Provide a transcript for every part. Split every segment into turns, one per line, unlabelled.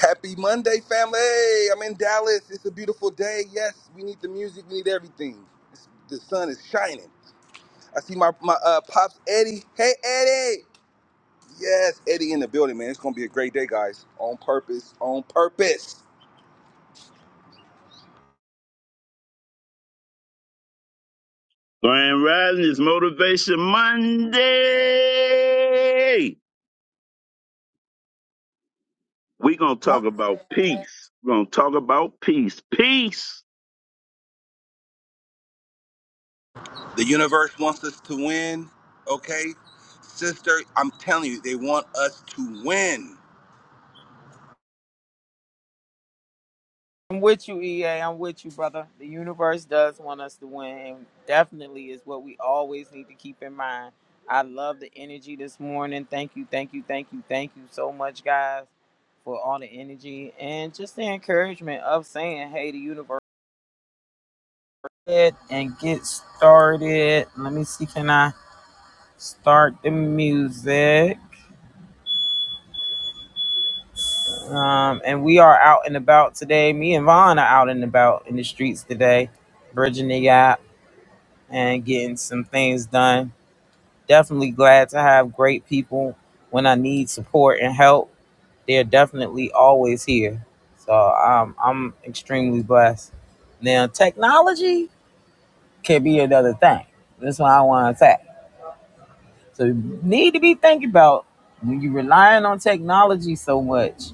Happy Monday, family. Hey, I'm in Dallas. It's a beautiful day. Yes, we need the music. We need everything. It's, the sun is shining. I see my, my uh, pops, Eddie. Hey, Eddie. Yes, Eddie in the building, man. It's going to be a great day, guys. On purpose. On purpose.
Grand Rising is Motivation Monday. We're going to talk about peace. We're going to talk about peace. Peace,
The universe wants us to win. Okay? Sister, I'm telling you, they want us to win.
I'm with you, EA. I'm with you, brother. The universe does want us to win, and definitely is what we always need to keep in mind. I love the energy this morning. Thank you, thank you, thank you, thank you so much, guys, for all the energy and just the encouragement of saying, hey, the universe it and get started. Let me see, can I start the music? Um, and we are out and about today. Me and Vaughn are out and about in the streets today, bridging the gap and getting some things done. Definitely glad to have great people when I need support and help. They're definitely always here. So um, I'm extremely blessed. Now, technology can be another thing. That's why I want to attack. So, you need to be thinking about when you're relying on technology so much,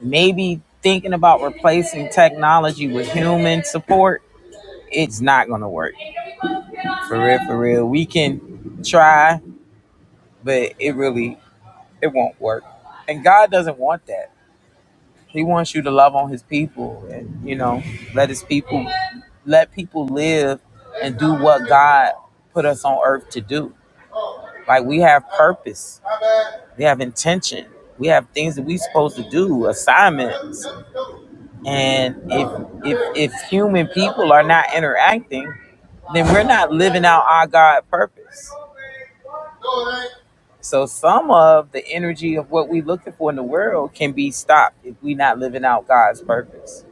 maybe thinking about replacing technology with human support. It's not going to work. For real, for real. We can try, but it really it won't work. And God doesn't want that. He wants you to love on his people and, you know, let his people, let people live and do what God put us on earth to do. Like we have purpose, we have intention, we have things that we are supposed to do, assignments. And if, if, if human people are not interacting, then we're not living out our God purpose. So some of the energy of what we're looking for in the world can be stopped if we're not living out God's purpose.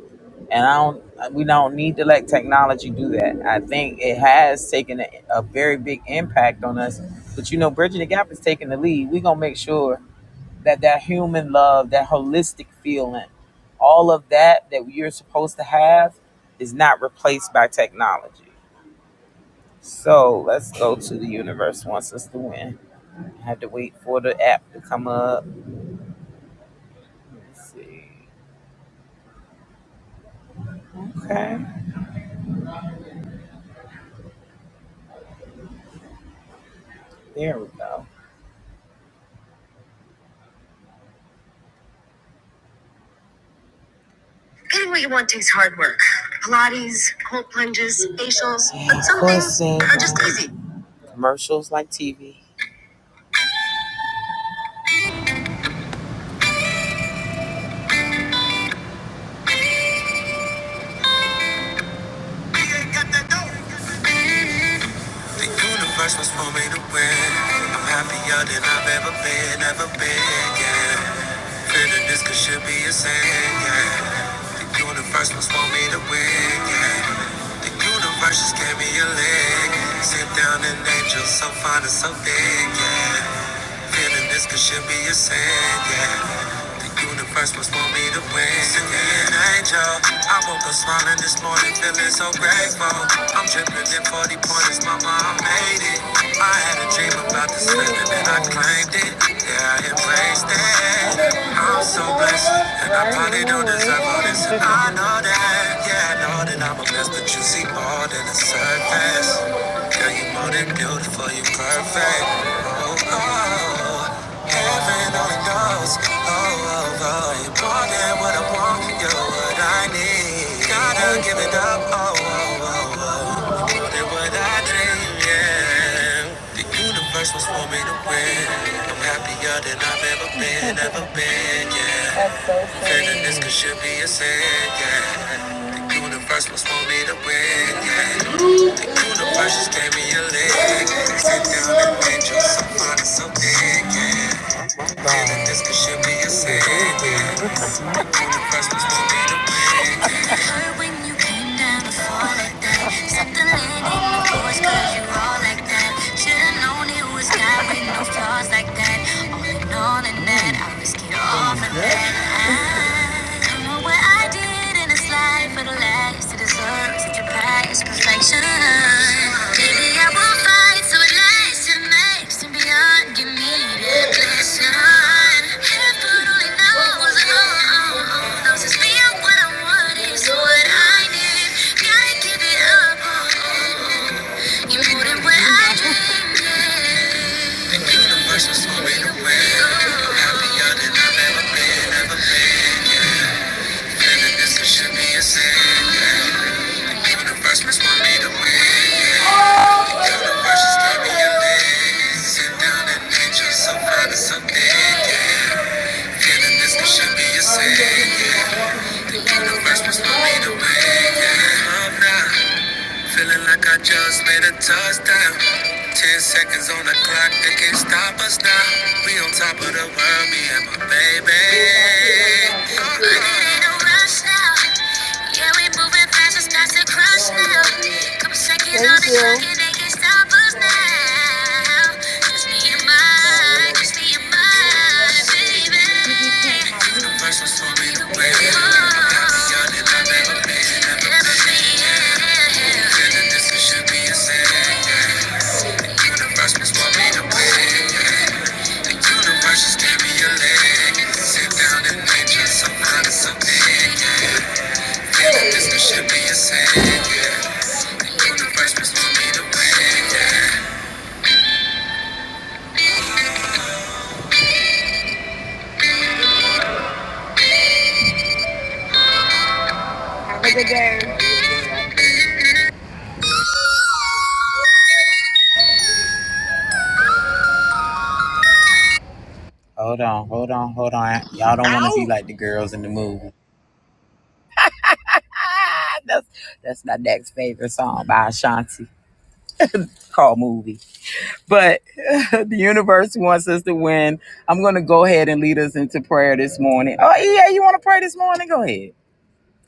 And I don't, we don't need to let technology do that. I think it has taken a, a very big impact on us. But you know, Bridging the Gap is taking the lead. We're gonna make sure that that human love, that holistic feeling, all of that that you're supposed to have, is not replaced by technology. So let's go to the universe once us to win. I have to wait for the app to come up. Let's see. Okay. There we go. Getting what you want takes hard work. Pilates, cold plunges, facials, but some things are just easy. Commercials like TV. The universe was for me to win. I'm happier than I've ever been, ever been, yeah. Feeling this could should be a sin, yeah. The universe was for me to win, yeah. The universe just gave me a leg. Sit down and angel so fine and so big, yeah. Feeling this could should be a sin, yeah. The universe was for me to win. Send me an angel. I woke up smiling this morning, feeling so grateful. I'm dripping in 40 pointers, mama, I made it. I had a dream about this feeling and I claimed it. Yeah, I embraced it. I'm so blessed, and I probably don't deserve all this. And I know that, yeah, I know that I'm a mess, but you see more than the surface. Girl, you are more than beautiful, you are perfect. Oh, oh, oh. Heaven only knows. Oh, oh, oh. You're more than what I want. You're what I need. Gotta give it up. Oh, oh, oh, oh. You're more than what I dream. Yeah. The universe was for me to win. I'm happier than I've ever been, ever been. Yeah. Feeling this could should be a sin. Yeah. The universe was for me to win. Yeah. The universe just gave me a leg. Sit down and angel so fine and so big. Yeah feel that this could should be a sin. I think The first one's gonna be the win. Heard when you came down to fall like that. Something that ain't no voice, cause all like that. Should've known it was God no flaws like that. All in all, in that, I risk it all for that. I don't know what I did in this life for the last to deserve such a perfection. Maybe I will fight so it lasts and makes and beyond. Give me that blessing. Heaven only knows down an angel So fine and so big, yeah. Feeling this one should be a sin, yeah. The first was for me to wake up now. Feeling like I just made a touchdown. Ten seconds on the clock, they can't stop us now. We on top of the world, me and my baby. It ain't no rush now. Yeah, we moving fast, it's past the crush now. Couple seconds on the clock, and they can't stop us now. Just me and my, just me and my baby. Versus told me to wait. Got me out and I never made it, never made it. Feeling this it should be a sin. The universe must want me to win. yeah. The universe just gave me a leg. Sit down and make just so fine and so big. Feeling this it should be a sin. The universe must want me to win. Have a good day. Hold on, hold on, hold on. Y'all don't want to
Ow!
be like the girls in the movie. Ah, that's that's my next favorite song by Ashanti called "Movie." But the universe wants us to win. I'm gonna go ahead and lead us into prayer this morning. Oh yeah, you want to pray this morning? Go ahead.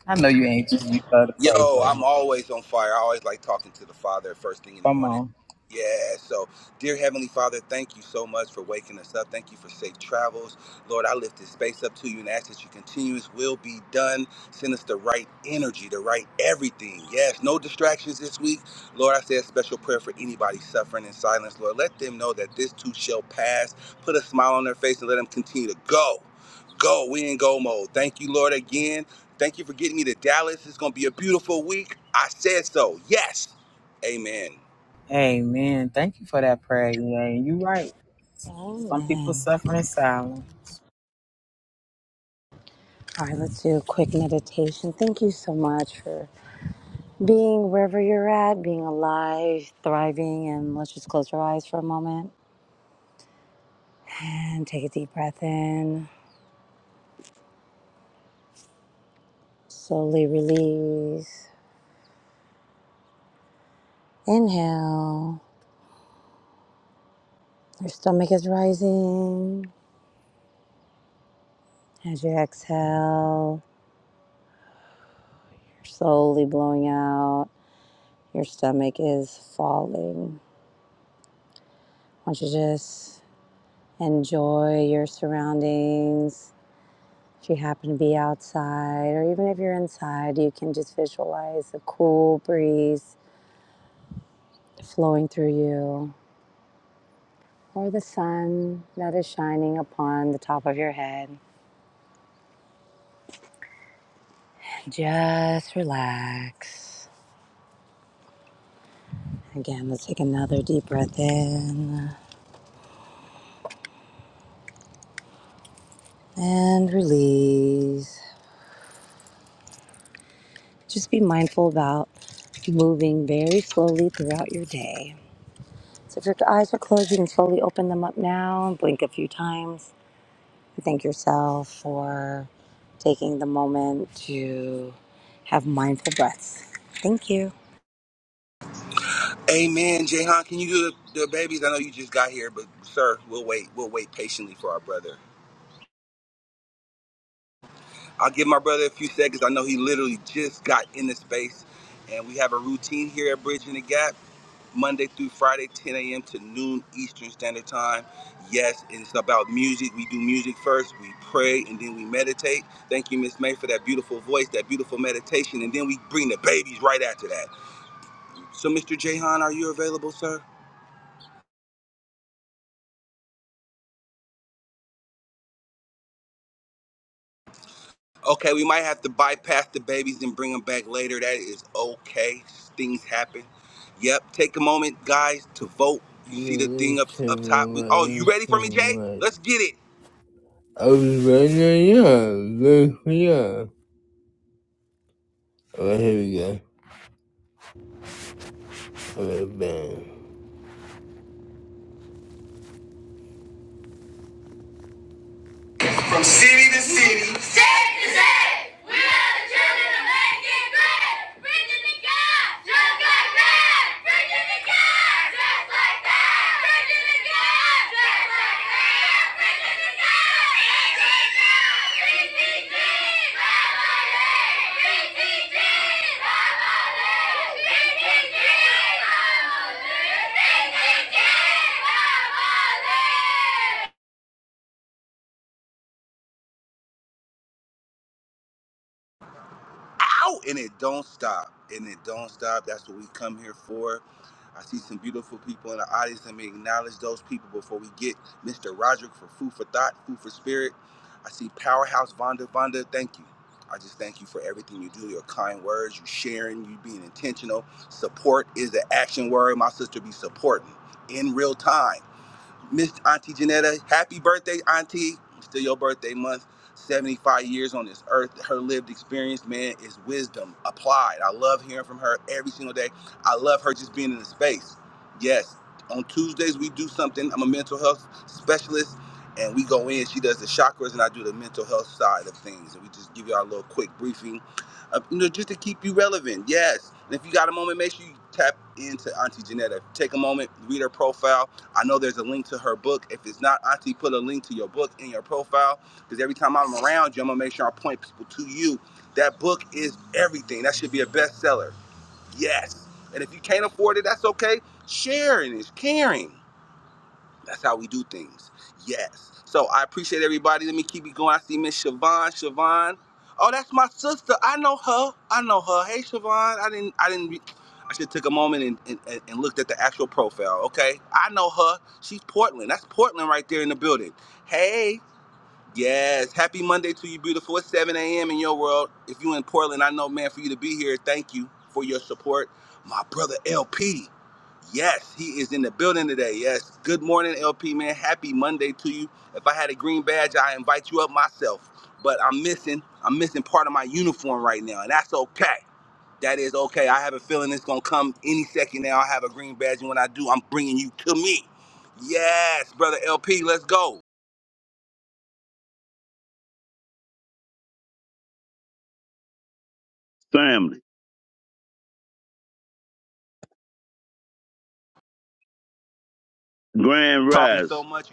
I know you anxious. You love to pray,
Yo,
bro.
I'm always on fire. I always like talking to the Father first thing in the
Come
morning.
on.
Yeah, so dear Heavenly Father, thank you so much for waking us up. Thank you for safe travels. Lord, I lift this space up to you and ask that you continue. This will be done. Send us the right energy, the right everything. Yes, no distractions this week. Lord, I say a special prayer for anybody suffering in silence. Lord, let them know that this too shall pass. Put a smile on their face and let them continue to go. Go. We in go mode. Thank you, Lord, again Thank you for getting me to Dallas. It's going to be a beautiful week. I said so. Yes. Amen.
Amen. Thank you for that prayer, man. You right. Some people
Amen.
suffer in silence.
All right, let's do a quick meditation. Thank you so much for being wherever you're at, being alive, thriving, and let's just close your eyes for a moment and take a deep breath in. Slowly release. Inhale. Your stomach is rising. As you exhale, you're slowly blowing out. Your stomach is falling. Why don't you just enjoy your surroundings? If you happen to be outside, or even if you're inside, you can just visualize the cool breeze flowing through you, or the sun that is shining upon the top of your head. And just relax. Again, let's take another deep breath in and release. Just be mindful about moving very slowly throughout your day. So if your eyes are closed, you can slowly open them up now and blink a few times. You thank yourself for taking the moment to have mindful breaths. Thank you.
Amen. Jayhan, can you do the, the babies? I know you just got here, but sir, we'll wait. We'll wait patiently for our brother. I'll give my brother a few seconds. I know he literally just got in the space, and we have a routine here at Bridging the Gap. Monday through Friday, 10 a.m. to noon Eastern Standard Time. Yes, it's about music. We do music first, we pray, and then we meditate. Thank you, Miss May, for that beautiful voice, that beautiful meditation, and then we bring the babies right after that. So, Mr. Jahan, are you available, sir? Okay, we might have to bypass the babies and bring them back later. That is okay. Things happen. Yep. Take a moment, guys, to vote. You
Yeah,
see the
let me
thing up
tell
up top.
my
We,
right,
oh,
let
you
me
ready for
tell
me, Jay?
my right.
Let's get it.
I was right now, yeah, look, yeah. Alright, here we go. Alright, bam. From city to city. State to state. We are the children of making great. Bridging the gap. Just like that. Bridging the gap. Just like that. Bridging the gap. Just like that. Bridging the gap. BTG. BTG. BTG. BTG.
out and it don't stop and it don't stop that's what we come here for i see some beautiful people in the audience Let me acknowledge those people before we get mr roderick for food for thought food for spirit i see powerhouse vonda vonda thank you i just thank you for everything you do your kind words you sharing you being intentional support is the action word my sister be supporting in real time Miss Auntie Janetta, happy birthday, Auntie. It's Still your birthday month. 75 years on this earth. Her lived experience, man, is wisdom applied. I love hearing from her every single day. I love her just being in the space. Yes, on Tuesdays, we do something. I'm a mental health specialist, and we go in. She does the chakras, and I do the mental health side of things. And we just give you our little quick briefing, of, you know, just to keep you relevant. Yes. And if you got a moment, make sure you tap into Auntie Janetta. Take a moment, read her profile I know there's a link to her book. If it's not, Auntie, put a link to your book in your profile because every time I'm around you, I'm gonna make sure I point people to you. That book is everything. That should be a bestseller. Yes. And if you can't afford it, that's okay. Sharing is caring. That's how we do things. Yes. So I appreciate everybody. Let me keep it going. I see Miss Siobhan. Siobhan. Oh, that's my sister. I know her. I know her. Hey, Siobhan. I didn't. I didn't. Re- I should have took a moment and, and, and and looked at the actual profile. Okay. I know her. She's Portland. That's Portland right there in the building. Hey. Yes. Happy Monday to you, beautiful. It's 7 a.m. in your world. If you in Portland, I know, man, for you to be here, thank you for your support. My brother LP. Yes, he is in the building today. Yes. Good morning, LP, man. Happy Monday to you. If I had a green badge, I invite you up myself. But I'm missing, I'm missing part of my uniform right now, and that's okay. That is okay. I have a feeling it's gonna come any second now. I have a green badge, and when I do, I'm bringing you to me. Yes, brother LP, let's go.
family. Grand
Talking so
Rise.
much.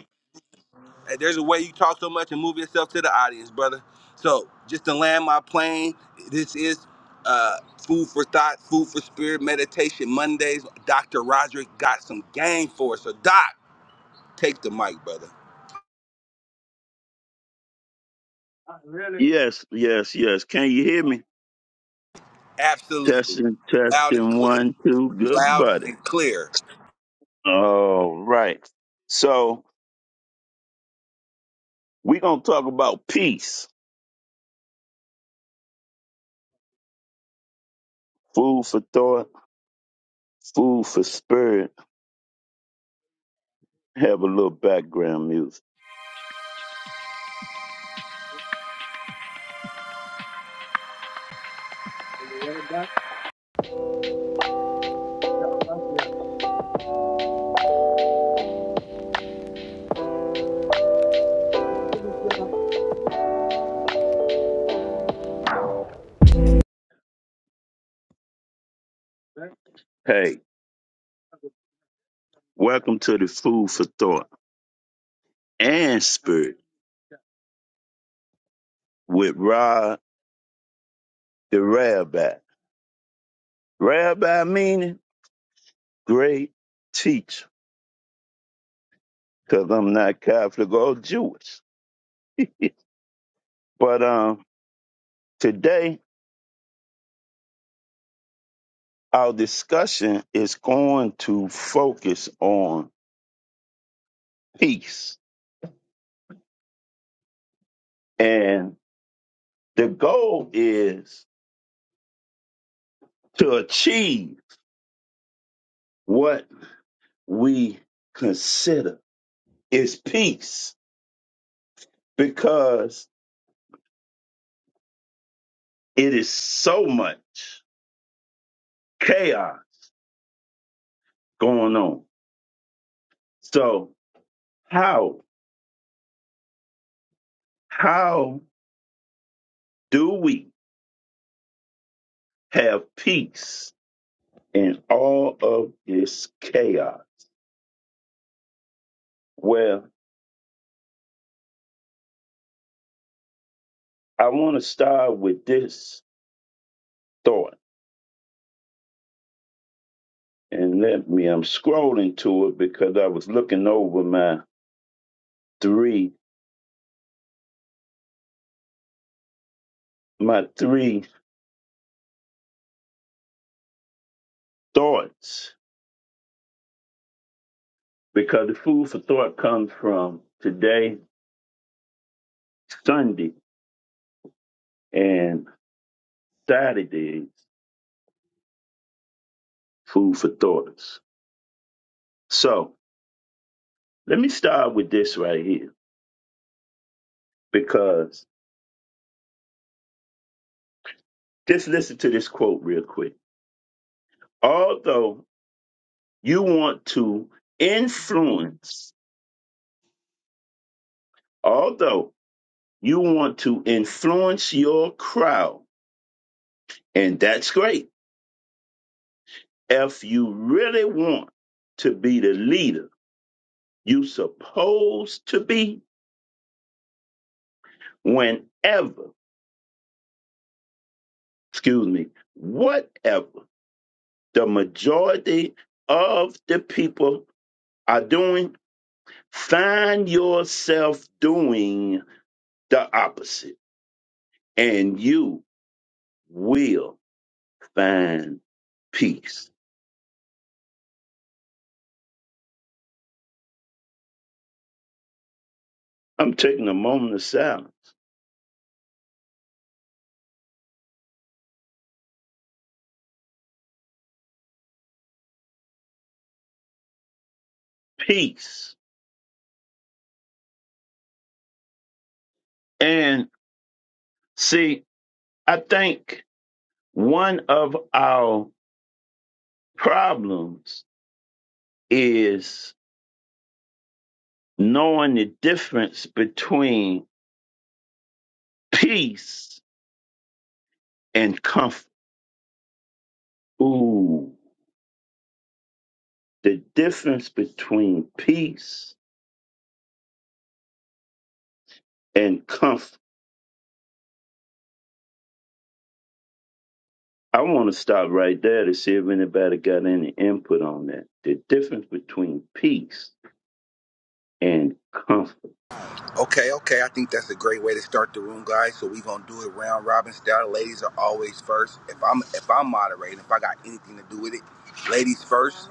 Hey, There's a way you talk so much and move yourself to the audience, brother. So just to land my plane, this is uh, food for thought, food for spirit, meditation Mondays. Dr. Roderick got some game for us. So Doc, take the mic, brother.
Yes, yes, yes. Can you hear me?
Absolutely.
Testing,
Loud and
testing,
clear.
one, two. Good
Loud
buddy.
and clear.
All right. So we're going to talk about peace. Food for thought, food for spirit. Have a little background music. Hey. Welcome to the Food for Thought and Spirit with Rod the Rabbi. Rabbi meaning great teacher, because I'm not Catholic or Jewish. But um, today, our discussion is going to focus on peace. And the goal is to achieve what we consider is peace because it is so much. chaos going on. So how how do we have peace in all of this chaos? Well, I want to start with this thought, and let me. I'm scrolling to it because I was looking over my three my three thoughts because the food for thought comes from today, Sunday, and Saturday's food for thoughts. So Let me start with this right here because just listen to this quote real quick. Although you want to influence, although you want to influence your crowd, and that's great. If you really want to be the leader you supposed to be, whenever, excuse me, whatever the majority of the people are doing, Find yourself doing the opposite, and you will find peace. I'm taking a moment of silence. Peace. And see, I think one of our problems is knowing the difference between peace and comfort. Ooh, the difference between peace and comfort. I want to stop right there to see if anybody got any input on that. The difference between peace and comfort.
Okay, okay. I think that's a great way to start the room, guys. So we're gonna do it round robin style. Ladies are always first. If I'm if I'm moderating, if I got anything to do with it, ladies first.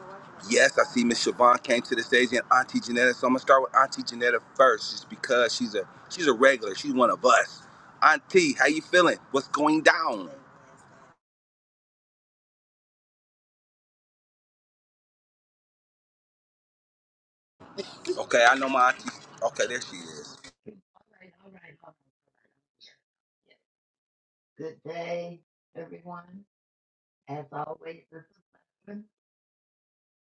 Yes, I see Miss Siobhan came to the stage and Auntie Janetta. So I'm gonna start with Auntie Janetta first, just because she's a she's a regular. She's one of us. Auntie, how you feeling? What's going down? Okay, I know my auntie. Okay, there she is.
right, all right, all right. All right. Yes. Good day, everyone. As always, this is lesson.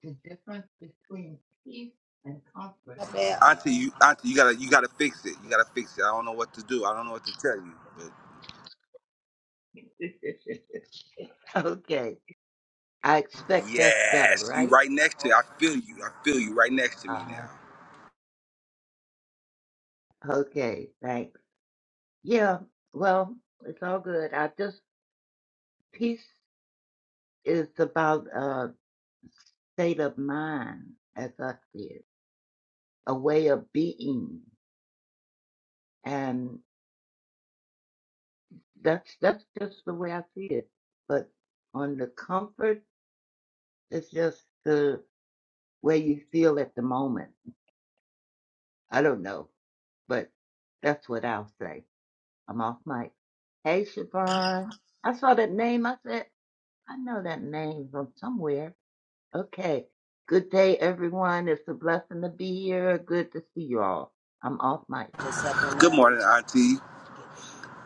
The difference between peace and comfort.
Yeah. Auntie, you auntie, you gotta you gotta fix it. You gotta
Well,
fix it. I don't know what to do. I don't know what to tell you.
okay. I expect that's better,
Yes, you
right?
right next to. I feel you. I feel you right next to me
Uh, okay, thanks. Yeah, well, it's all good. I just, peace is about a state of mind, as I see it, a way of being. and. that's that's just the way I see it. But on the comfort, it's just the way you feel at the moment. I don't know, but that's what I'll say. I'm off mic. Hey, Siobhan. I saw that name. I said, I know that name from somewhere. Okay. Good day, everyone. It's a blessing to be here. Good to see you all. I'm off mic.
now. Good morning, Auntie.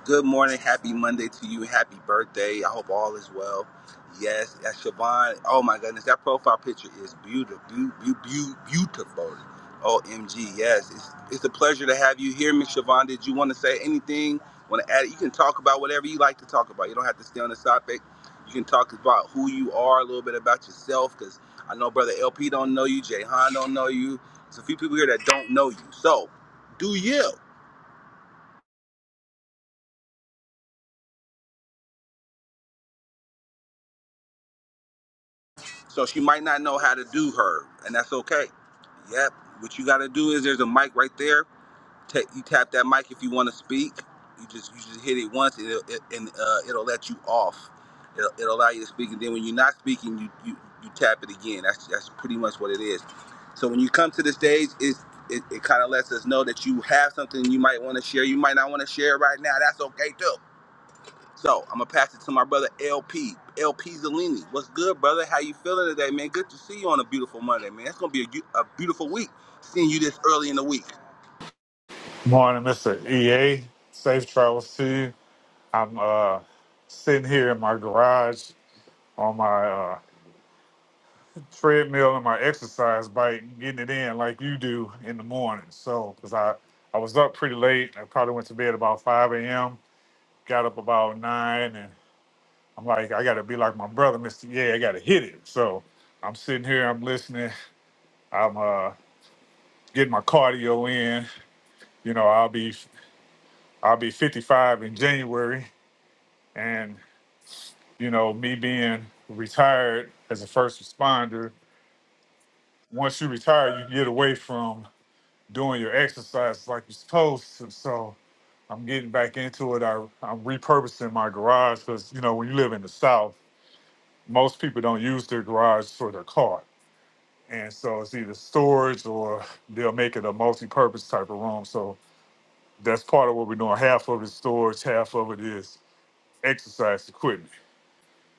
Good morning. Happy Monday to you. Happy birthday. I hope all is well. Yes, that's Siobhan. Oh my goodness, that profile picture is beautiful. beautiful. OMG. Yes, it's, it's a pleasure to have you here, Miss Siobhan. Did you want to say anything? Want to add? You can talk about whatever you like to talk about. You don't have to stay on the topic. You can talk about who you are, a little bit about yourself, because I know Brother LP don't know you, Jay Han don't know you. There's a few people here that don't know you. So, do you? So she might not know how to do her, and that's okay. Yep. What you got to do is there's a mic right there. Ta you tap that mic if you want to speak. You just you just hit it once, and it'll, it, and uh, it'll let you off. It'll, it'll allow you to speak, and then when you're not speaking, you you, you tap it again. That's that's pretty much what it is. So when you come to the stage, it's, it it kind of lets us know that you have something you might want to share. You might not want to share right now. That's okay too so I'm gonna pass it to my brother LP. LP Zellini. What's good, brother? How you feeling today, man? Good to see you on a beautiful Monday, man. It's gonna be a, gu- a beautiful week seeing you this early in the week.
Morning, Mr. EA. Safe travels to you. I'm uh, sitting here in my garage on my uh, treadmill and my exercise bike, getting it in like you do in the morning. So, because I, I was up pretty late. I probably went to bed about 5 a.m., got up about 9, and I'm like, I got to be like my brother, Mr. EA. I got to hit it. So, I'm sitting here, I'm listening, I'm uh, getting my cardio in. You know, I'll be I'll be 55 in January, and you know, me being retired as a first responder, once you retire, you get away from doing your exercise like you're supposed to. So I'm getting back into it. I, I'm repurposing my garage because, you know, when you live in the South, most people don't use their garage for their car. And so it's either storage or they'll make it a multi purpose type of room. So that's part of what we're doing. Half of it is storage, half of it is exercise equipment.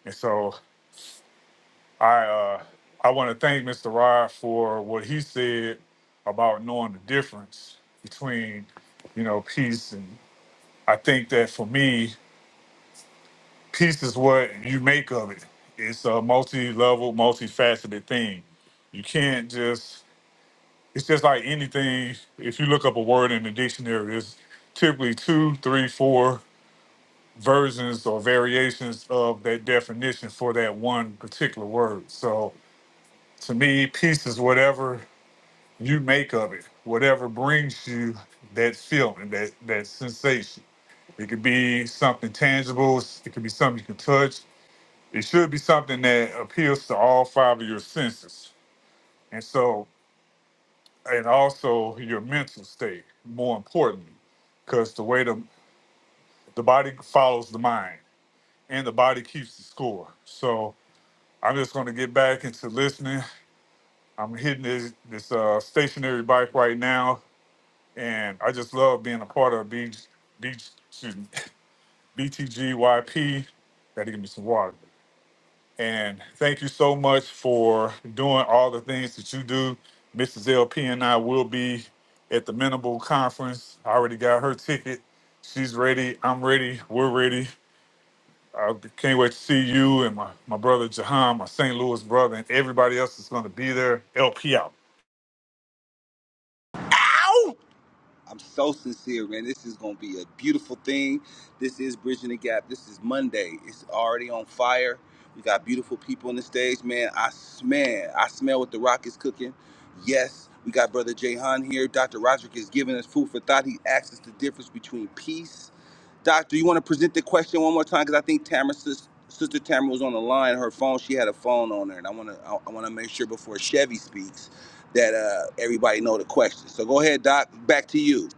And so I uh, I want to thank Mr. Rod for what he said about knowing the difference between, you know, peace and I think that for me, peace is what you make of it. It's a multi-level, multifaceted thing. You can't just it's just like anything. If you look up a word in the dictionary, there's typically two, three, four versions or variations of that definition for that one particular word. So to me, peace is whatever you make of it whatever brings you that feeling that that sensation it could be something tangible it could be something you can touch it should be something that appeals to all five of your senses and so and also your mental state more importantly because the way the the body follows the mind and the body keeps the score so i'm just going to get back into listening i'm hitting this this uh stationary bike right now and I just love being a part of B, B, excuse me, BTGYP. Gotta give me some water. And thank you so much for doing all the things that you do. Mrs. LP and I will be at the Minable Conference. I already got her ticket. She's ready. I'm ready. We're ready. I can't wait to see you and my, my brother Jahan, my St. Louis brother, and everybody else that's going to be there. LP out.
I'm so sincere, man. This is gonna be a beautiful thing. This is Bridging the Gap. This is Monday. It's already on fire. We got beautiful people on the stage, man. I smell. I smell what the rock is cooking. Yes, we got brother Jay Han here. Dr. Roderick is giving us food for thought. He asks us the difference between peace Doctor, you want to present the question one more time because I think Tamara, sis, sister Tamara, was on the line. Her phone, she had a phone on her, and I want to, I, I want to make sure before Chevy speaks that uh, everybody know the question. So go ahead, Doc. Back to you.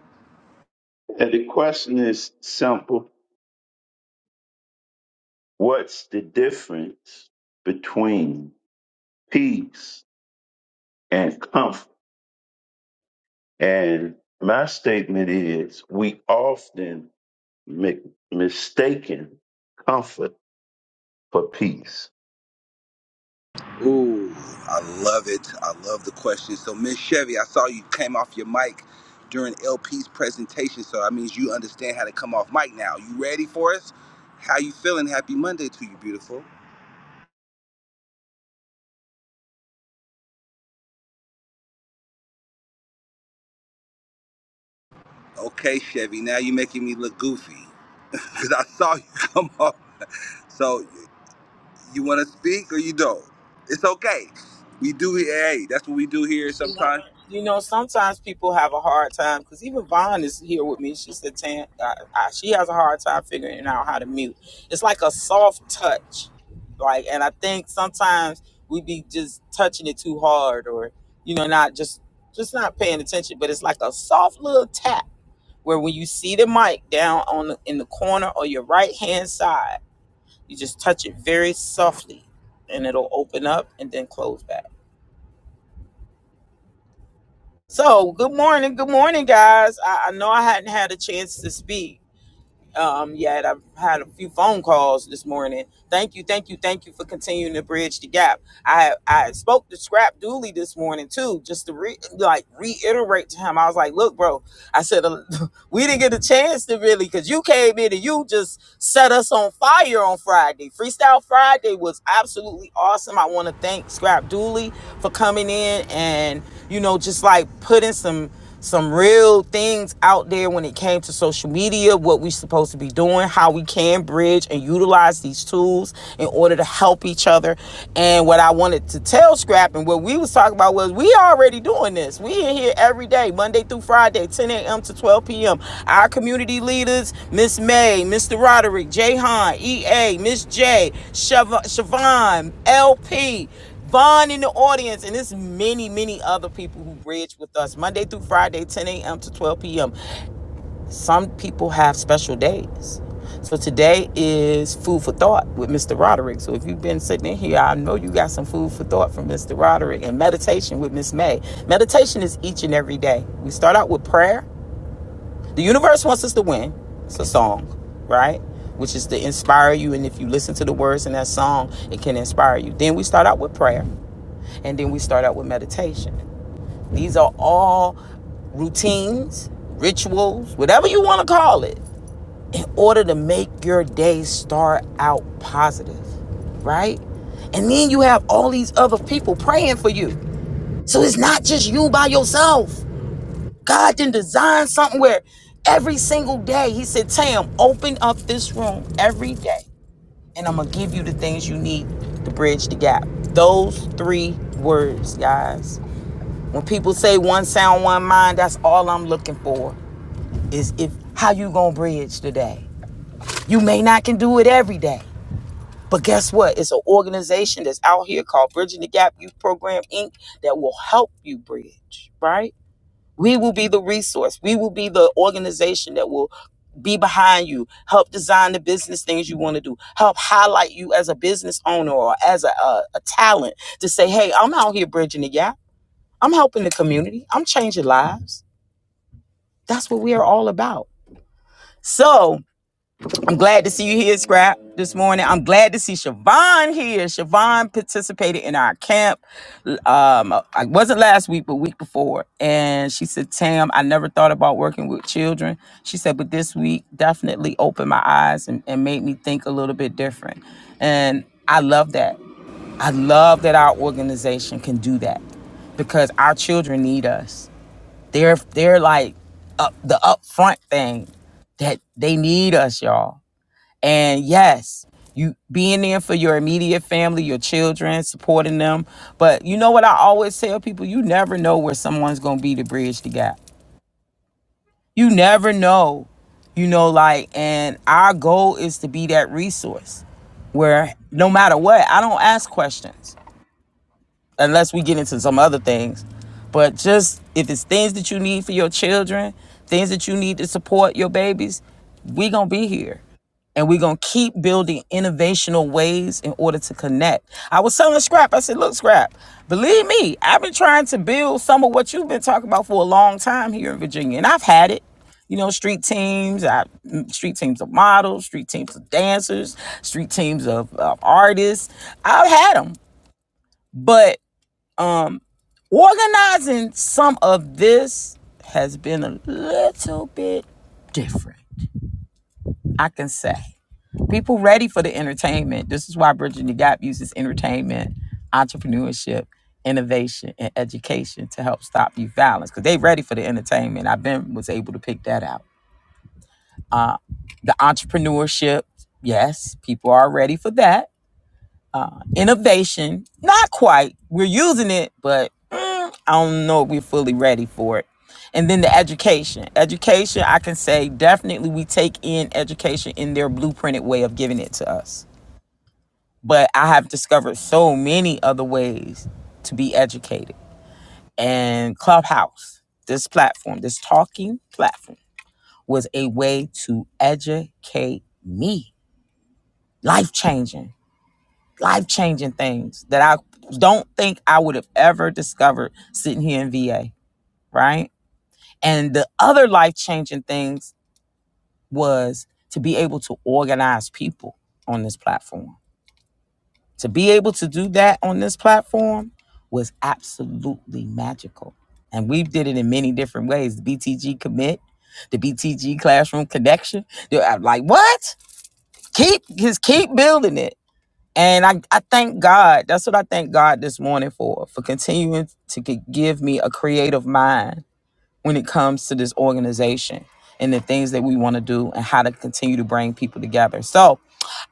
And the question is simple What's the difference between peace and comfort? And my statement is we often make mistaken comfort for peace.
Ooh, I love it. I love the question. So Miss Chevy, I saw you came off your mic during LP's presentation, so that means you understand how to come off mic now. You ready for us? How you feeling? Happy Monday to you, beautiful. Okay, Chevy. Now you're making me look goofy because I saw you come off So you want to speak or you don't? It's okay. We do. Hey, that's what we do here
She like,
sometimes.
you know, sometimes people have a hard time because even Vaughn is here with me. She said, Tan, I, I, she has a hard time figuring out how to mute. It's like a soft touch, like, and I think sometimes we be just touching it too hard, or you know, not just just not paying attention. But it's like a soft little tap where when you see the mic down on the, in the corner or your right hand side, you just touch it very softly, and it'll open up and then close back. So, good morning, good morning, guys. I, I know I hadn't had a chance to speak um, yet. I've had a few phone calls this morning. Thank you, thank you, thank you for continuing to bridge the gap. I I spoke to Scrap this morning too. Just re- like reiterate, I was like, "Look, bro," said, "We didn't get a chance to really because you came in and you set us on fire on Friday. Freestyle was absolutely." people have special days. So today is food for thought with Mr. Roderick. So if you've been sitting in here, I know you got some food for thought from Mr. Roderick and meditation with Miss May. Meditation is each and every day. We start out with prayer. The universe wants us to win. It's a song, right? Which is to inspire you. And if you listen to the words in that song, inspire you. Then start out with prayer, meditation. These are all different. And I love that. I love that our organization can do that because our children need us. They're they're like up the upfront thing that they need us, y'all. And yes, you being there for your immediate family, your children, supporting them. But you know what I always tell people, you never know where someone's gonna be to bridge the gap. You never know, you know, like and stop you violence because they ready for the entertainment. I've been was able to pick that out. The entrepreneurship, yes, people are ready for that. Innovation, not quite. We're using it, but I don't know if we're fully ready for And then the education. Education, they definitely we take in education in their blueprinted way of giving it to us. But discovered so many other to be able to do that on this platform was absolutely magical. And we the BTG the kids and others. So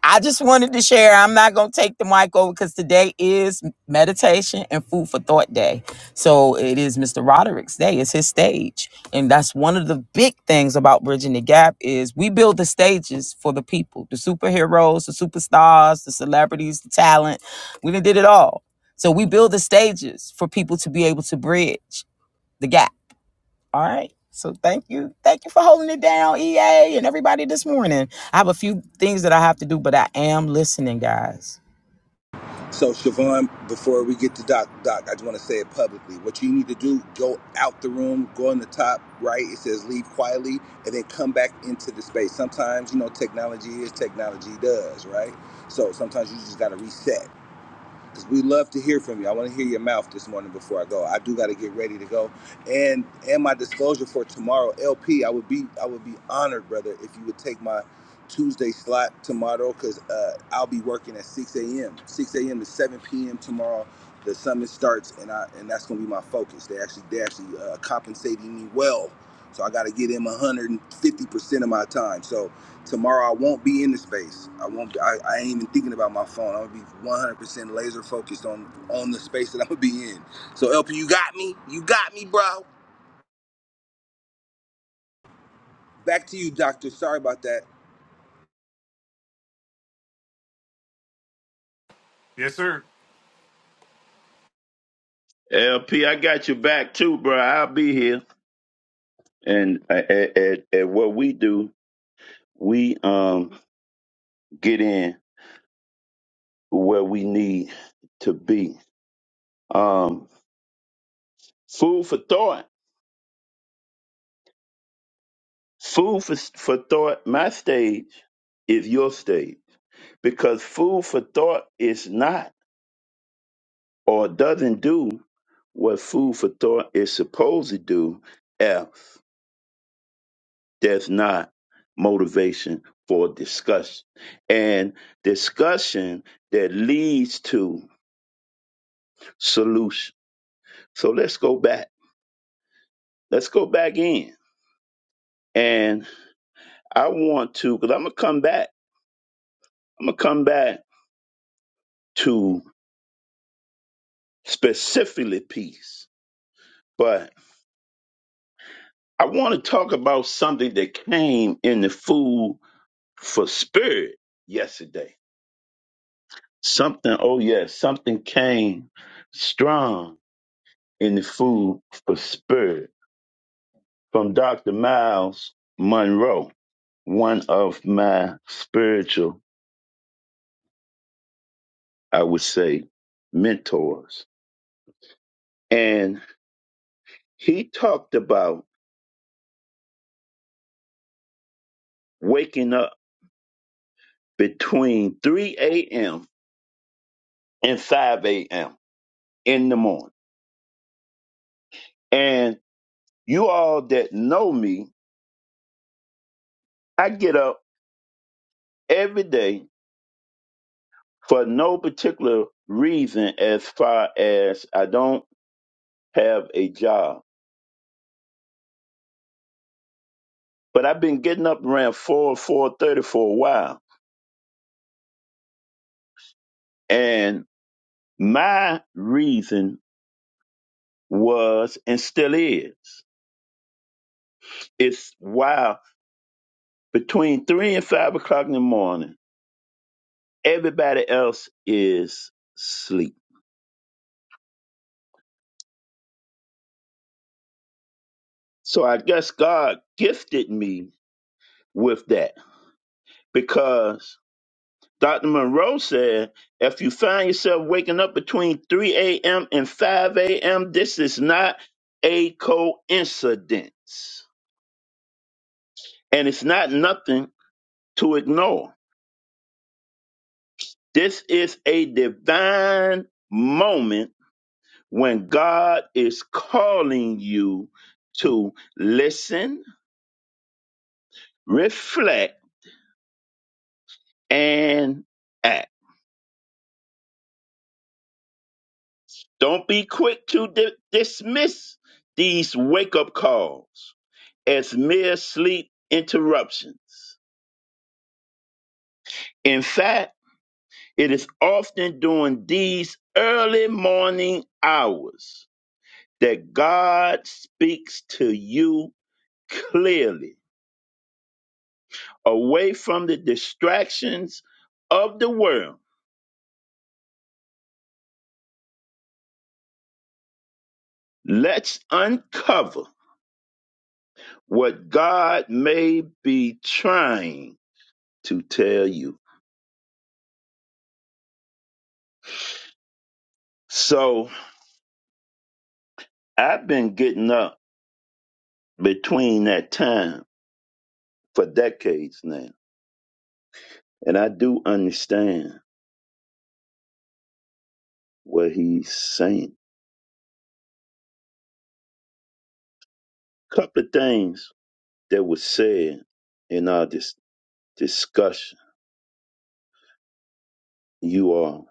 I just wanted to share. I'm not going to take the mic over because today is meditation and food for thought day. So it is Mr. Roderick's day. It's his stage. And that's one of the big things about Bridging the Gap is we build the stages for the people, the superheroes, the superstars, the celebrities, the talent. We done did it all. So we build the stages for people to be able to bridge the gap all right. So thank you. Thank you for holding it down, EA and everybody this morning. I have a few things that I have to do, but I am listening, guys.
So Siobhan, before we get to Doc, Doc, I just want to say it publicly. What you need to do: go out the room, go on the top right. It says "Leave quietly," and then come back into the space. Sometimes you know technology is technology does right. So sometimes you just got to reset. because we love to hear from you. I want to hear your mouth this morning before I go. I do got to get ready to go, and and my disclosure for tomorrow, LP. I would be I would be honored, brother, if you would take my Tuesday slot tomorrow, because uh, I'll be working at 6 a.m. 6 a.m. to 7 p.m. tomorrow. The summit starts, and I and that's gonna be my focus. They actually they actually uh, compensating me well, so I got to give him 150 percent of my time. So Tomorrow I won't be in the space. I won't. I, I ain't even thinking about my phone. I'm gonna be 100% laser focused on on the space that I'm gonna be in. So LP, you got me. You got me, bro. Back to you, Doctor. Sorry about that.
Yes, sir.
LP, I got you back too, bro. I'll be here. And at, at, at what we do, we um get in where we need to be. Um, food for thought. Food for, for thought. My stage is your stage because food for thought is not or doesn't do what food for thought is supposed to do if there's not motivation for discussion and discussion that leads to solution. So let's go back. Let's go back in. And I want to, because I'm gonna come back. I'm gonna come back to specifically peace, but I want to talk about something that came in the food for spirit yesterday. Something, oh yes, something came strong in the food for spirit from Dr. Miles Monroe, one of my spiritual, I would say, mentors, and he talked about waking up between 3 a.m. and 5 a.m. in the morning. And you all that know me, I get up every day for no particular reason as far as I don't have a job. But I've been getting up around 4 4.30 for a while. And my reason was and still is, it's while between 3 and 5 o'clock in the morning, everybody else is asleep So I guess God gifted me with that because Dr. Monroe said if you find yourself waking up between 3 a.m. and 5 a.m., this is not a coincidence. And it's not nothing to ignore. This is a divine moment when God is calling you to listen, reflect, and act. Don't be quick to di- dismiss these wake up calls as mere sleep interruptions. In fact, it is often during these early morning hours that God speaks to you clearly, away from the distractions of the world. Let's uncover what God may be trying to tell you. So, I've been getting up between that time for decades now, and I do understand what he's saying. Couple of things that was said in our dis- discussion. You all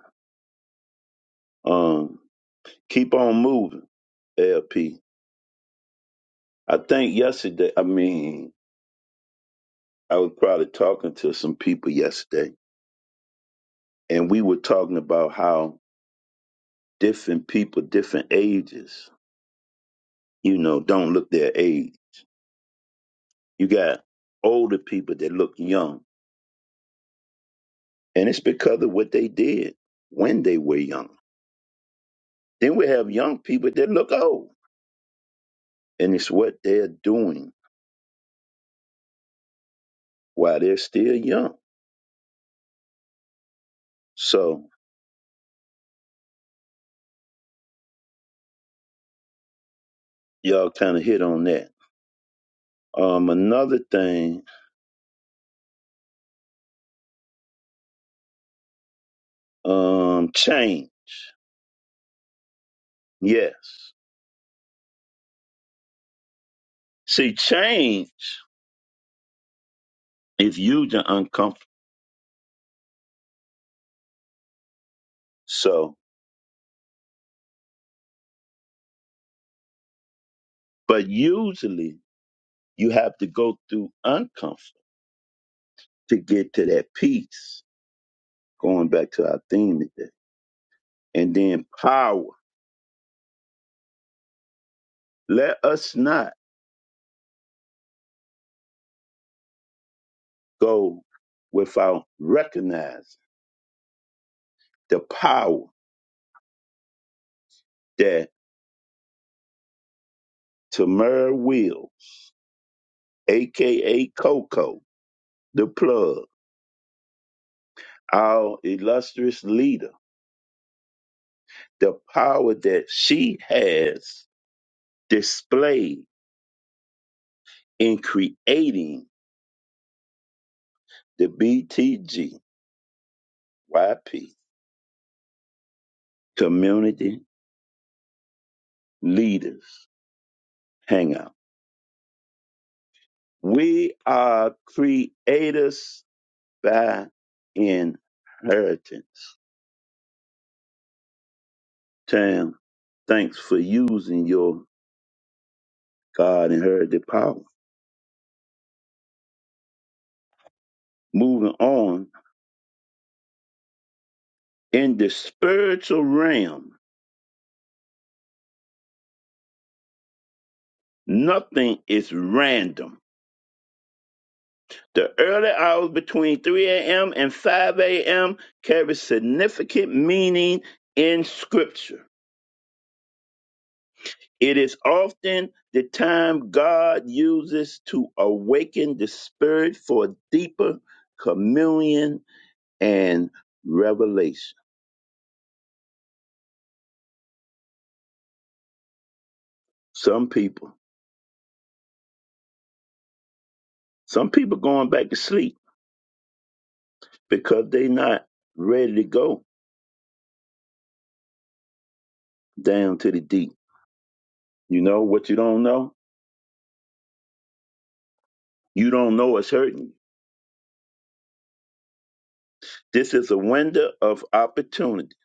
um, keep on moving, LP. I think yesterday, I mean, I was probably talking to some people yesterday, and we were talking about how different people, different ages, you know, don't look their age You got older people that look young, and it's because of what they did when they were young. Then we have young people that look old, and it's what they're doing while they're still young. So y'all kind of hit on that. Um, another thing, um, change. Yes, see, change is usually uncomfortable. So, but usually you have to go through uncomfort to get to that peace. Going back to our theme today. and then power. Let us not go without recognizing the power that Tamara Will, aka Coco, the plug, our illustrious leader, the power that she has displayed in creating the BTGYP Community Leaders Hangout. We are creators By inheritance. Tam, thanks for using your God inherited power. Moving on, in the spiritual realm, nothing is random. The early hours between 3 a.m. and 5 a.m. carry significant meaning in Scripture. It is often the time God uses to awaken the spirit for deeper communion and revelation. Some people, some people going back to sleep because they not ready to go down to the deep. You know what you don't know? You don't know it's hurting you. This is a window of opportunity,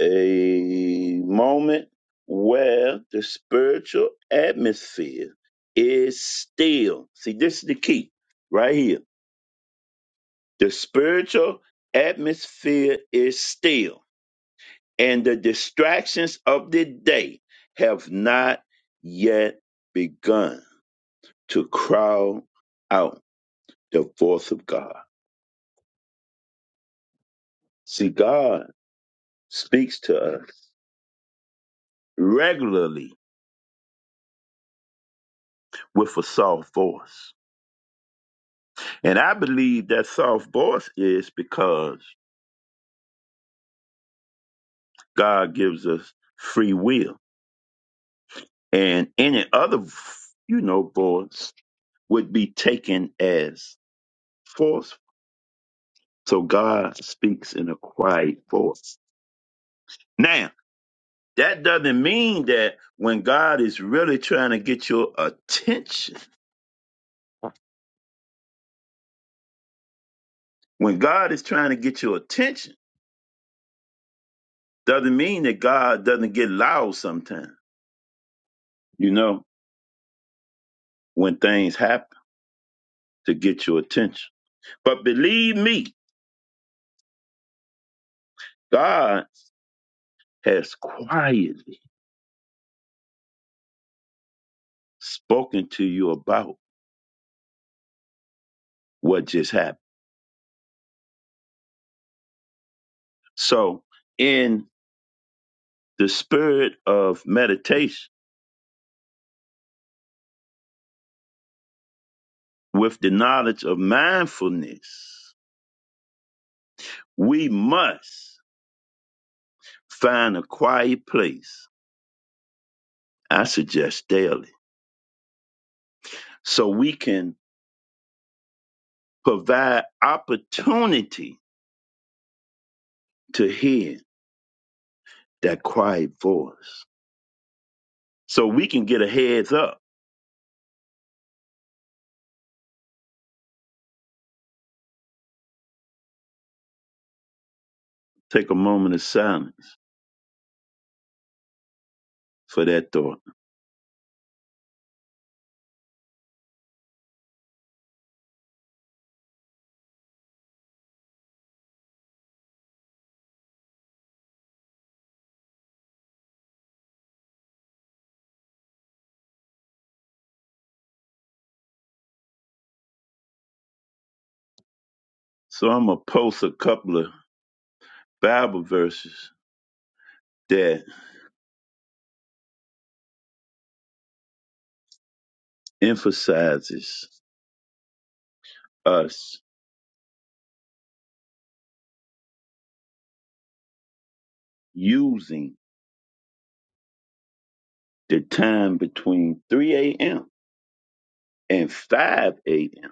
a moment where the spiritual atmosphere is still. See, this is the key right here. The spiritual atmosphere is still. and the distractions of the day have not yet begun to crowd out the voice of God. See, God speaks to us regularly with a soft voice. And I believe that soft voice is because God gives us free will. And any other, you know, voice would be taken as forceful. So God speaks in a quiet voice. Now, that doesn't mean that when God is really trying to get your attention, when God is trying to get your attention, doesn't mean that God doesn't get loud sometimes, you know, when things happen to get your attention. But believe me, God has quietly spoken to you about what just happened. So, in the spirit of meditation, with the knowledge of mindfulness, we must Find a quiet place, I suggest daily, so we can provide opportunity to hear that quiet voice. So we can get a heads up. Take a moment of silence for that thought. So I'm gonna post a couple of Bible verses that emphasizes us using the time between 3 a.m. and 5 a.m.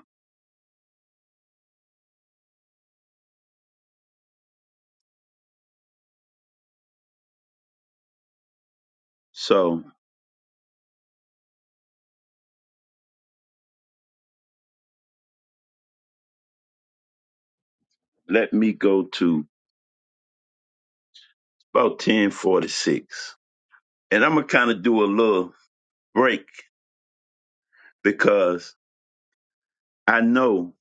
So let me go to about 1046. And I'm gonna kind of do a little break because I know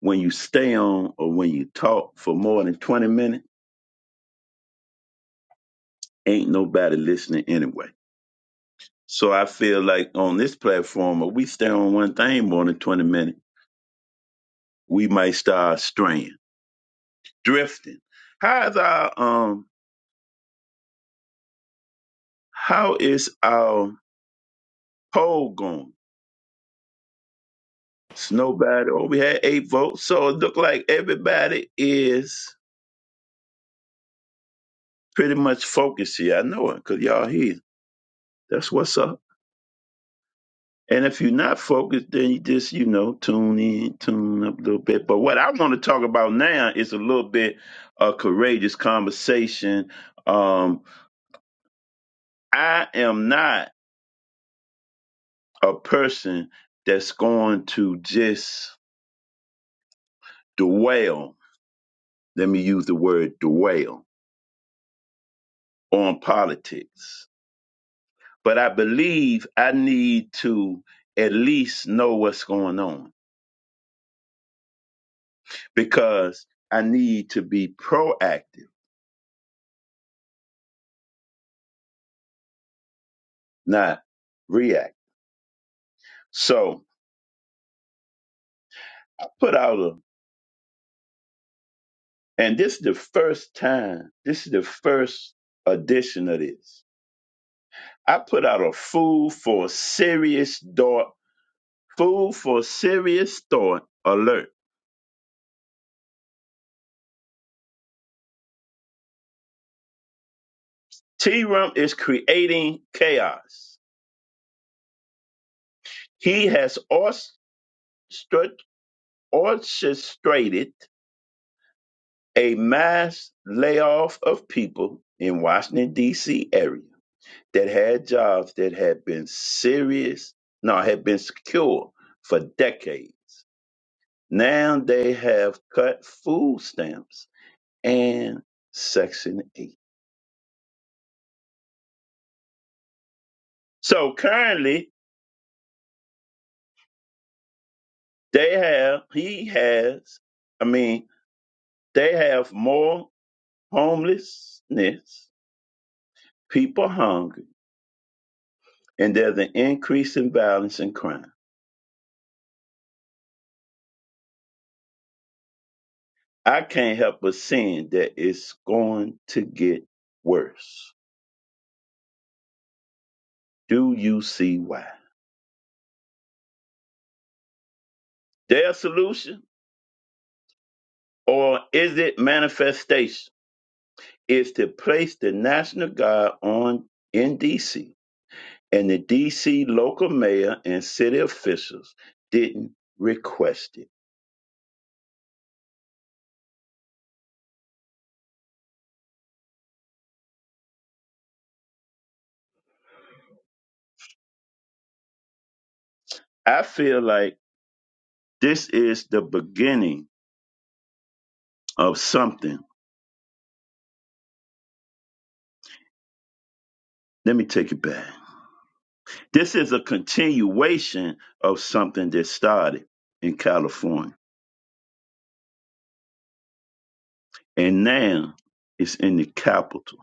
when you stay on or when you talk for more than 20 minutes, ain't nobody listening anyway. So I feel like on this platform, if we stay on one thing more than 20 minutes, we might start straying, drifting. How is our um how is our poll going? It's nobody oh we had eight votes. So it look like everybody is pretty much focused here. I know it, cause y'all here. That's what's up. And if you're not focused, then you just, you know, tune in, tune up a little bit. But what I want to talk about now is a little bit a courageous conversation. Um, I am not a person that's going to just dwell, let me use the word dwell, on politics. But I believe I need to at least know what's going on because I need to be proactive, not reactive. So, put out a, and this is the first time, this is the first edition of this. I put out a food for serious thought, food for serious thought alert. T Rump is creating chaos. He has orchestra- orchestrated a mass layoff of people in Washington D.C. area that had jobs that had been serious, no, had been secure for decades Now they have cut food stamps and Section 8. So currently, they have, he has, I mean, they have more homelessness, people hungry, and there's an increase in violence and crime. I can't help but seeing that it's going to get worse. Do you see why? Their solution, or is it manifestation? is to place the National Guard on in D.C. and the D.C. local mayor and city officials didn't request it. I feel like this is the beginning of something. Let me take it back. This is a continuation of something that started in California and now it's in the capital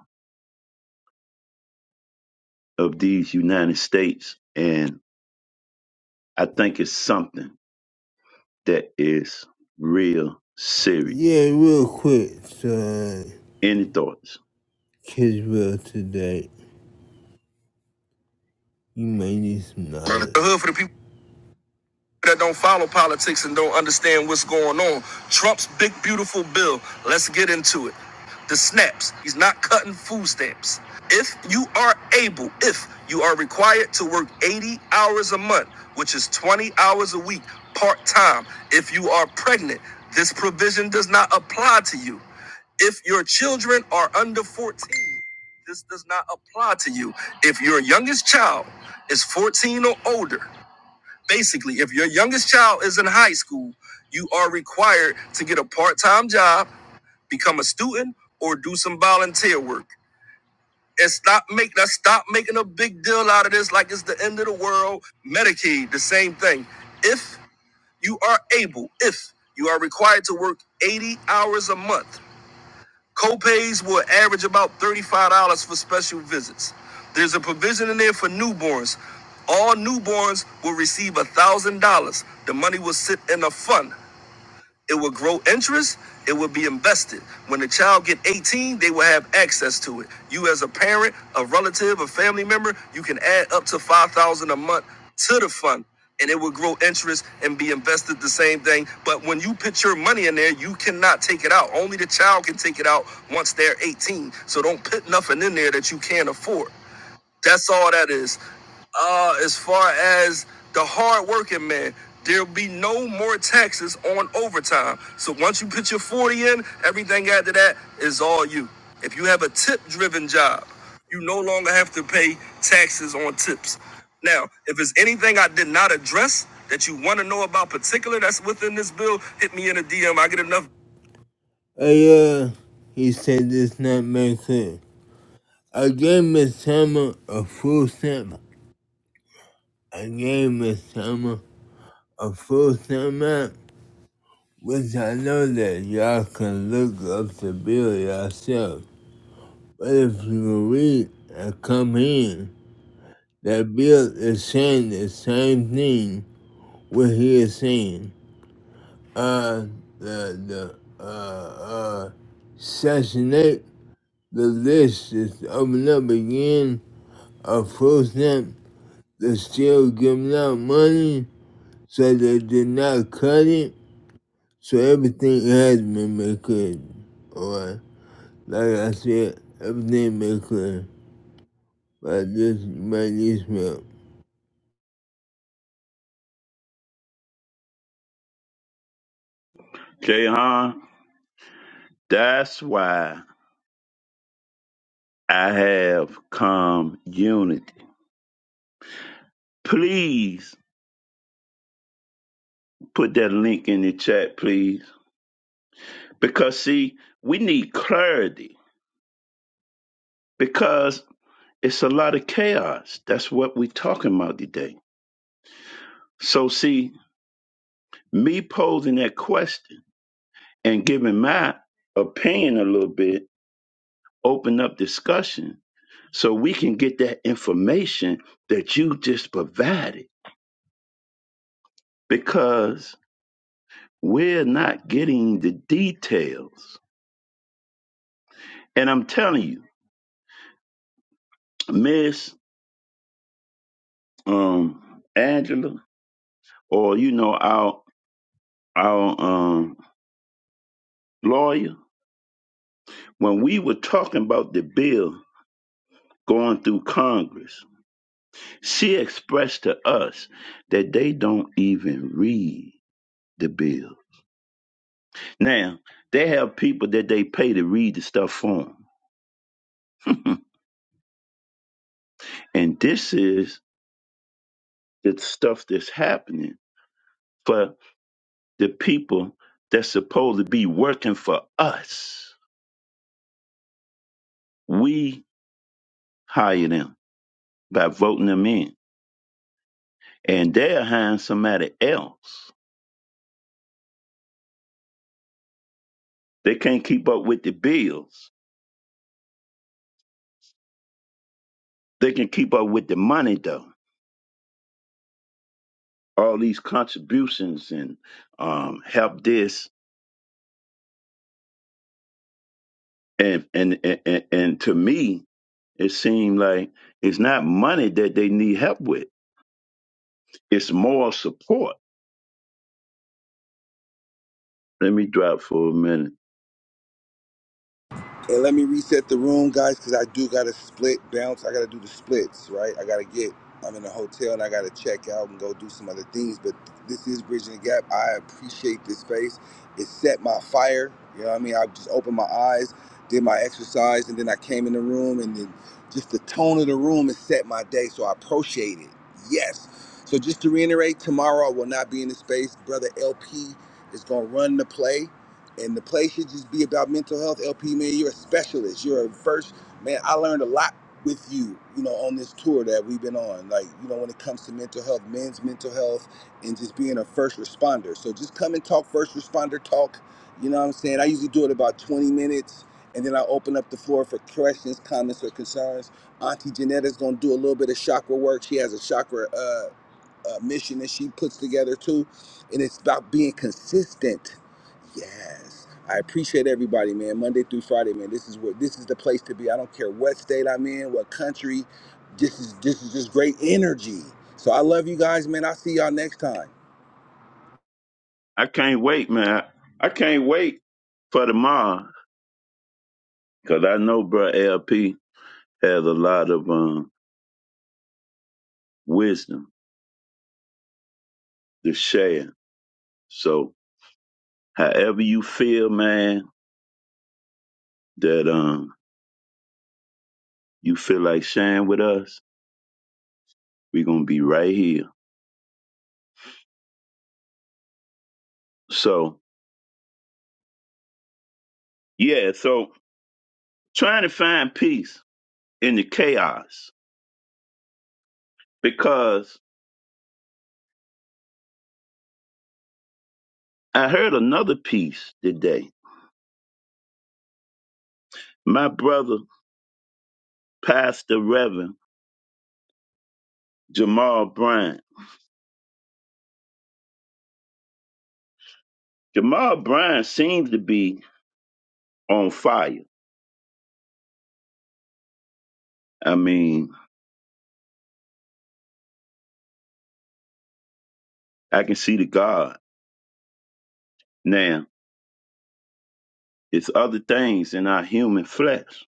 of these United States. And I think it's something that is real serious.
Yeah, real quick, so uh,
Any thoughts?
Kiswell today, you may need some knowledge. The hood for the people that don't follow politics and don't understand what's going on. Trump's big, beautiful bill. Let's get into it. The snaps. He's not cutting food stamps. If you are able, if you are required to work 80 hours a month, which is 20 hours a week, part time, if you are pregnant, this provision does not apply to you. If your children are under 14, this does not apply to you. If your youngest child is 14 or older, basically, if your youngest child is in high school, you are required to get a part time job, become a student, or do some volunteer work. And stop make that stop making a big deal out of this like it's the end of the world. Medicaid, the same thing. If you are able, if you are required to work 80 hours a month, Copays will average about $35 for special visits. There's a provision in there for newborns. All newborns will receive $1,000. The money will sit in a fund it will grow interest it will be invested when the child get 18 they will have access to it you as a parent a relative a family member you can add up to 5000 a month to the fund and it will grow interest and be invested the same thing but when you put your money in there you cannot take it out only the child can take it out once they're 18 so don't put nothing in there that you can't afford that's all that is uh, as far as the hardworking man, there'll be no more taxes on overtime. So once you put your 40 in, everything after that is all you. If you have a tip driven job, you no longer have to pay taxes on tips. Now, if there's anything I did not address that you want to know about particular that's within this bill, hit me in a DM. I get enough. Hey, uh, he said this not make sense. I gave Miss Summer a full stamp. I gave Miss Summer a full segment, which I know that y'all can look up the bill yourself. But if you read and come in, that bill is saying the same thing what he is saying. Uh, the, the, uh, uh, section 8, the list is opened up again of full stamp. They're still giving out money, so they did not cut it So everything has been made clear. Alright. Like I said, everything made clear. by this just might need
Jahan, that's why I have come unity. Please put that link in the chat, please. Because see, we need clarity because it's a lot of chaos. That's what we're talking about today. So see, me posing that question and giving my opinion a little bit open up discussion so we can get that information that you just provided. Because We're not getting the details. And I'm telling you, Miss um, Angela, or you know our our um, lawyer, when we were talking about the bill going through Congress, she expressed to us that they don't even read the bill. Now they have people that they pay to read the stuff for 'em. and this is the stuff that's happening. for the people that's supposed to be working for us. We hire them by voting them in. And they're hiring somebody else. They can't keep up with the bills. They can keep up with the money though. All these contributions and um, help this and and, and and and to me it seemed like it's not money that they need help with. It's moral support. Let me drop for a minute
And let me reset the room, guys, because I do got to split bounce. I got to do the splits, right? I got to get, I'm in a hotel and I got to check out and go do some other things. But this is Bridging the Gap. I appreciate this space. It set my fire. You know what I mean? I just opened my eyes, did my exercise, and then I came in the room. And then just the tone of the room, it set my day. So I appreciate it. Yes. So just to reiterate, tomorrow I will not be in the space. Brother LP is going to run the play and the play should just be about mental health. LP, man, you're a specialist. You're a first man. I learned a lot with you, you know, on this tour that we've been on. Like, you know, when it comes to mental health, men's mental health, and just being a first responder. So just come and talk first responder talk. You know what I'm saying? I usually do it about 20 minutes, and then I open up the floor for questions, comments, or concerns. Auntie Janetta's gonna do a little bit of chakra work. She has a chakra. uh, uh, mission that she puts together too, and it's about being consistent. Yes, I appreciate everybody, man. Monday through Friday, man. This is what this is the place to be. I don't care what state I'm in, what country. This is this is just great energy. So I love you guys, man. I'll see y'all next time.
I can't wait, man. I can't wait for tomorrow because I know, bro, LP has a lot of um, wisdom to share. So, however you feel, man, that um you feel like sharing with us, we're gonna be right here. So, yeah. So, trying to find peace in the chaos because I heard another piece today. My brother, Pastor Reverend Jamal Bryant. Jamal Bryant seems to be on fire. I mean, I can see the God. Now, it's other things in our human flesh,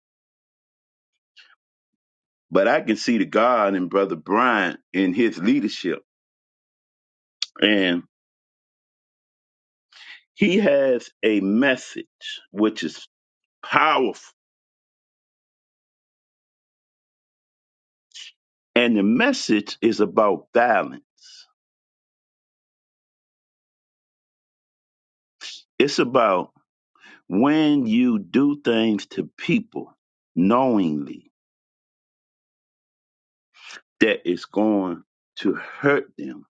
but I can see the God in Brother Brian in his leadership. And he has a message which is powerful. And the message is about balance. It's about when you do things to people knowingly that it's going to hurt them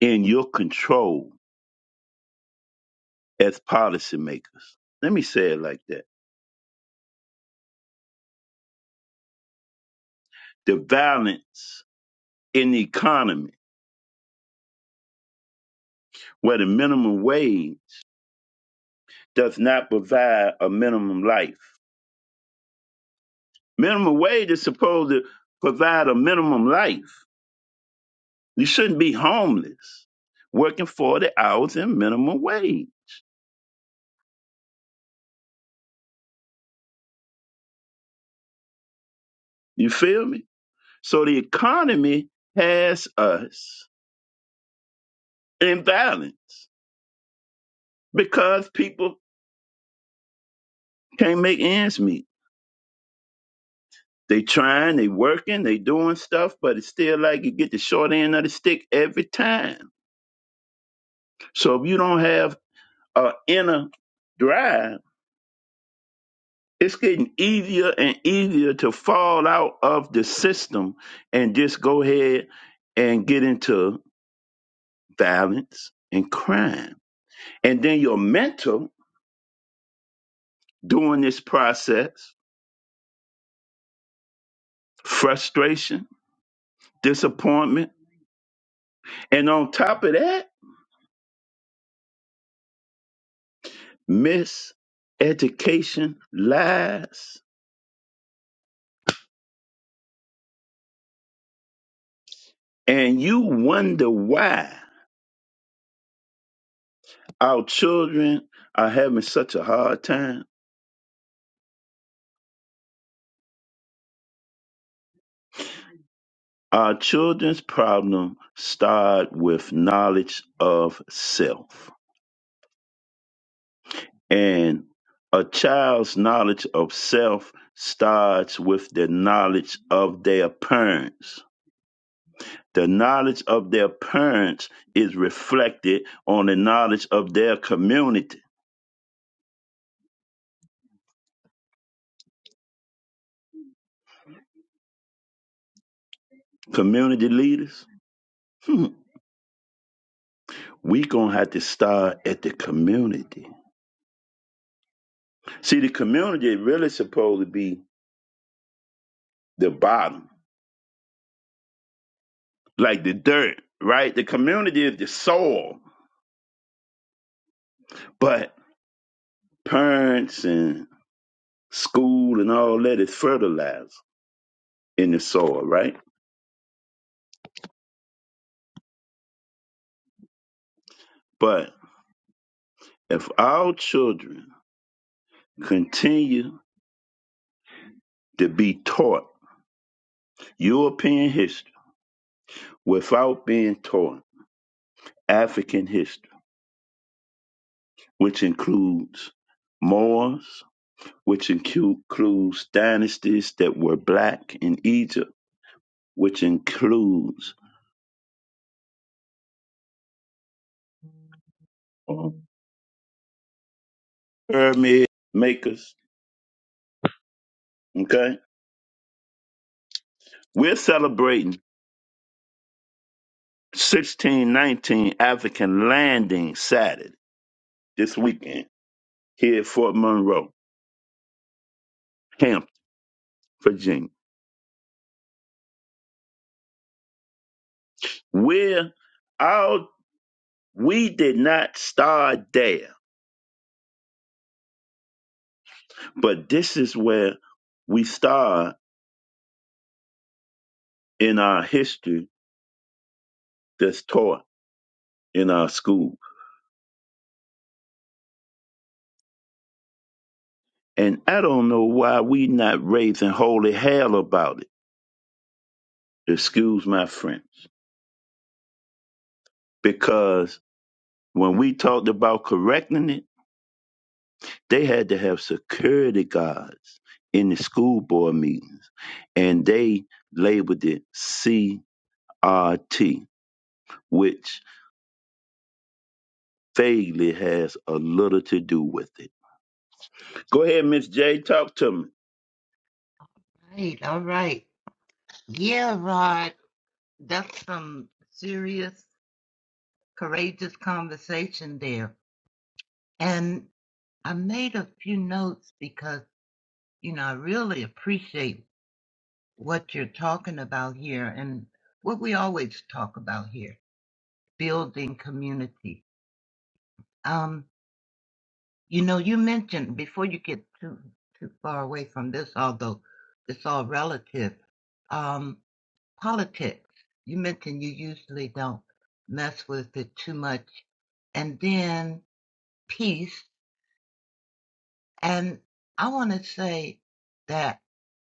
in your control as policymakers. Let me say it like that. The balance in the economy where the minimum wage does not provide a minimum life. Minimum wage is supposed to provide a minimum life. You shouldn't be homeless working 40 hours in minimum wage. You feel me? So the economy has us in balance because people can't make ends meet. They trying, they working, they doing stuff, but it's still like you get the short end of the stick every time. So if you don't have a inner drive, it's getting easier and easier to fall out of the system and just go ahead and get into violence and crime. And then your mental during this process, frustration, disappointment, and on top of that, miseducation, lies, And you wonder why our children are having such a hard time. Our children's problem start with knowledge of self. And a child's knowledge of self starts with the knowledge of their parents. The knowledge of their parents is reflected on the knowledge of their community. Community leaders? Hmm. We gonna have to start at the community See, the community is really supposed to be the bottom, like the dirt, right? The community is the soil, but parents and school and all that is fertilizer in the soil, right? But if our children continue to be taught European history without being taught African history, which includes Moors, which includes dynasties that were black in Egypt which includes uh, pyramid makers. Okay, we're celebrating 1619 African Landing Saturday this weekend here at Fort Monroe, Hampton, Virginia. We're out. We did not start there, but this is where we start in our history that's taught in our school. And I don't know why we not raising holy hell about it. Excuse my French. because when we talked about correcting it, they had to have security guards in the school board meetings, and they labeled it CRT, which vaguely has a little to do with it. Go ahead, Miss J, talk to me.
Right. All right. Yeah, Rod. That's some serious, courageous conversation there And I made a few notes because, you know, I really appreciate what you're talking about here and what we always talk about here building community. Um, you know, you mentioned before you get too, too far away from this, although it's all relative, um, politics. You mentioned you usually don't mess with it too much. And then peace. And I want to say, that.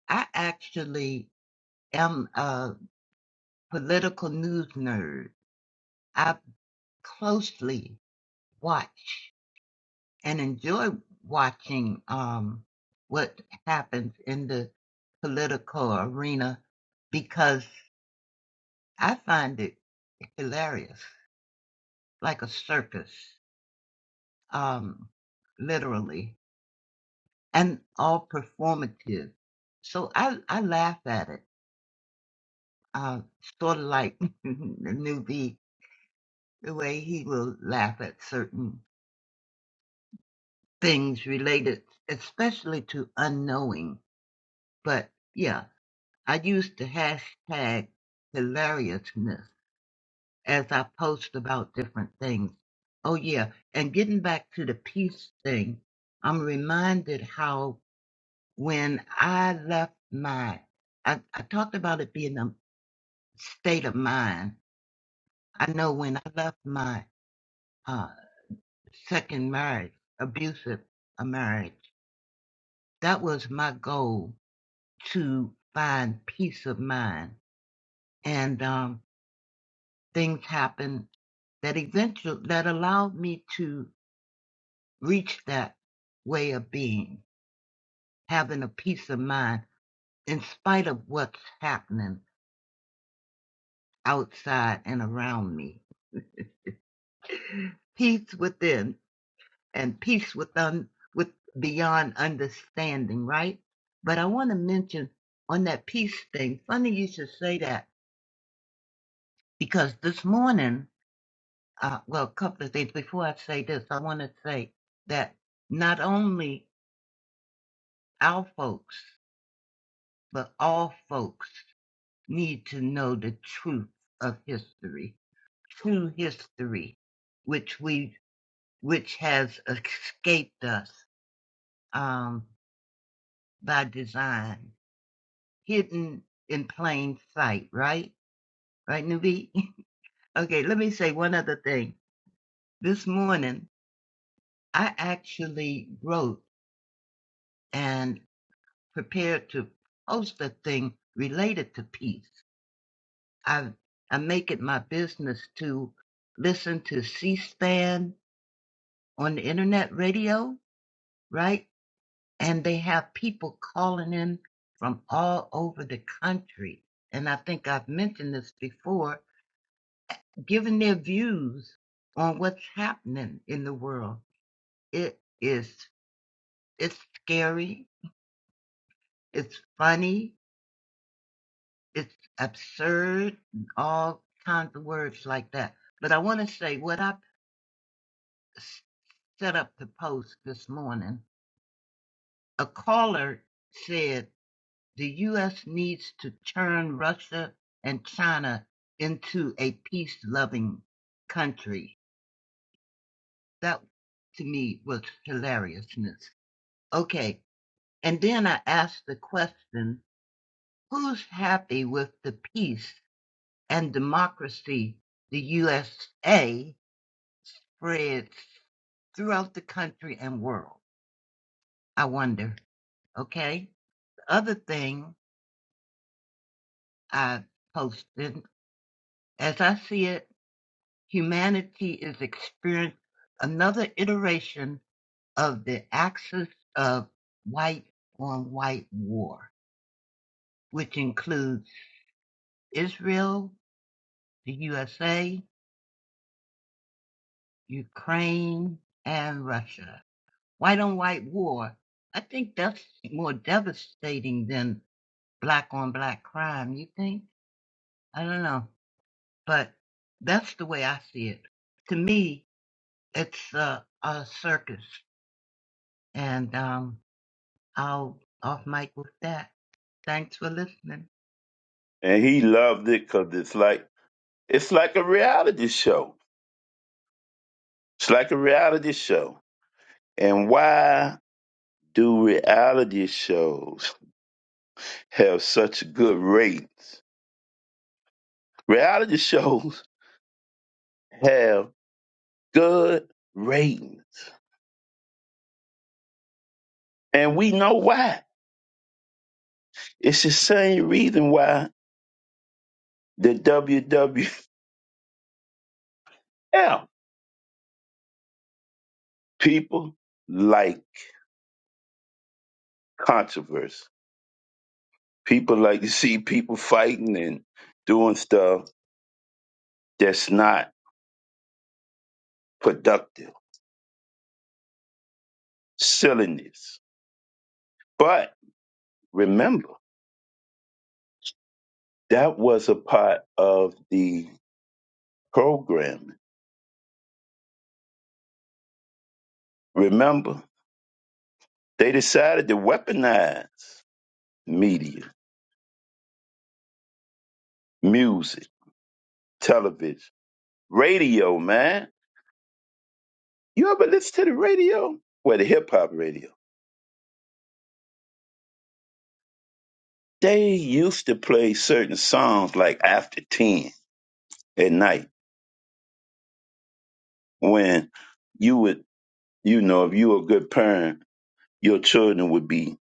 I actually am a political news nerd. I closely watch and enjoy watching um, what happens in the political arena because I find it hilarious, like a circus, um, literally, and all performative. So I, I laugh at it, uh, sort of like the newbie the way he will laugh at certain things related, especially to unknowing. But yeah, I use the hashtag hilariousness as I post about different things. Oh, yeah. And getting back to the peace thing, I'm reminded how when I left my, I, I talked about it being a state of mind. I know when I left my uh, second marriage, abusive a marriage, that was my goal to find peace of mind. And um, things happened that eventually that allowed me to reach that way of being, having a peace of mind in spite of what's happening outside and around me. Peace within and peace with un, with beyond understanding, right? But I want to mention on that peace thing. Funny you should say that because this morning uh, well, a couple of things. Before I say this, I want to say that not only our folks, but all folks need to know the truth of history, true history, which we, which has escaped us, um, by design, hidden in plain sight, right? Right, Nubi? okay, let me say one other thing. This morning, I actually wrote an prepared to host a thing related to peace. I I make it my business to listen to C-SPAN on the internet radio, right? And they have people calling in from all over the country. And I think I've mentioned this before, giving their views on what's happening in the world. It is it's scary, it's funny, it's absurd and all kinds of words like that. But I want to say what I set up to post this morning. A caller said the U.S. needs to turn Russia and China into a peace loving country. That to me was hilariousness. Okay. And then I asked the question who's happy with the peace and democracy the USA spreads throughout the country and world. I wonder. Okay. The other thing I posted, as I see it, humanity is experiencing another iteration of the axis of white on white war, which includes Israel, the USA, Ukraine, and Russia. White on white war, I think that's more devastating than. black on black crime, you think? I don't know. But that's the way I see it. To me, it's a, a circus. And um, I'll off mic with that. Thanks for listening.
And he loved it because it's like it's like a reality show. It's like a reality show. And why do reality shows have such good rates? Reality shows have good ratings. And we know why. It's the same reason why the WWF people like controversy. People like to see people fighting and doing stuff that's not productive, silliness. But remember, that was a part of the programming. Remember, they decided to weaponize media, music, television. radio, man. You ever listen to the radio? Well, the hip hop radio. They used to play certain songs like after 10 at night when you would, you know, if you were a good parent, your children would be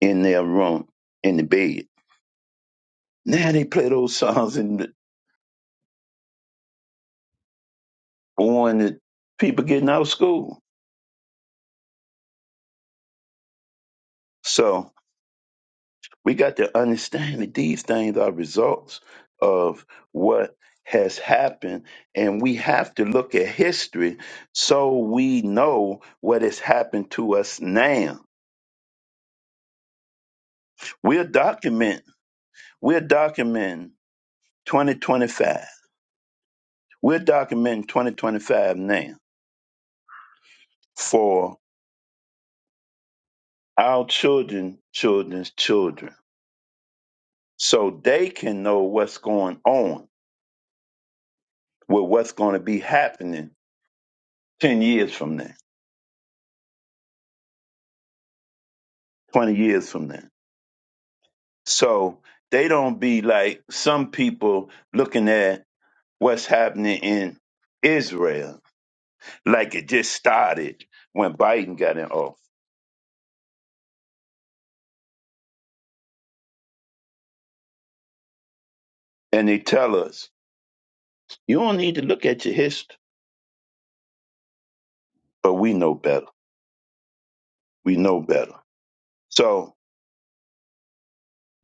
in their room in the bed. Now they play those songs in the morning, people getting out of school. So We got to understand that these things are results of what has happened, and we have to look at history so we know what has happened to us now. We'll document, we'll document 2025. We're documenting 2025 now for our children, children's children, so they can know what's going on with what's going to be happening 10 years from now, 20 years from now. So they don't be like some people looking at what's happening in Israel, like it just started when Biden got in office. And they tell us, you don't need to look at your history, but we know better. We know better. So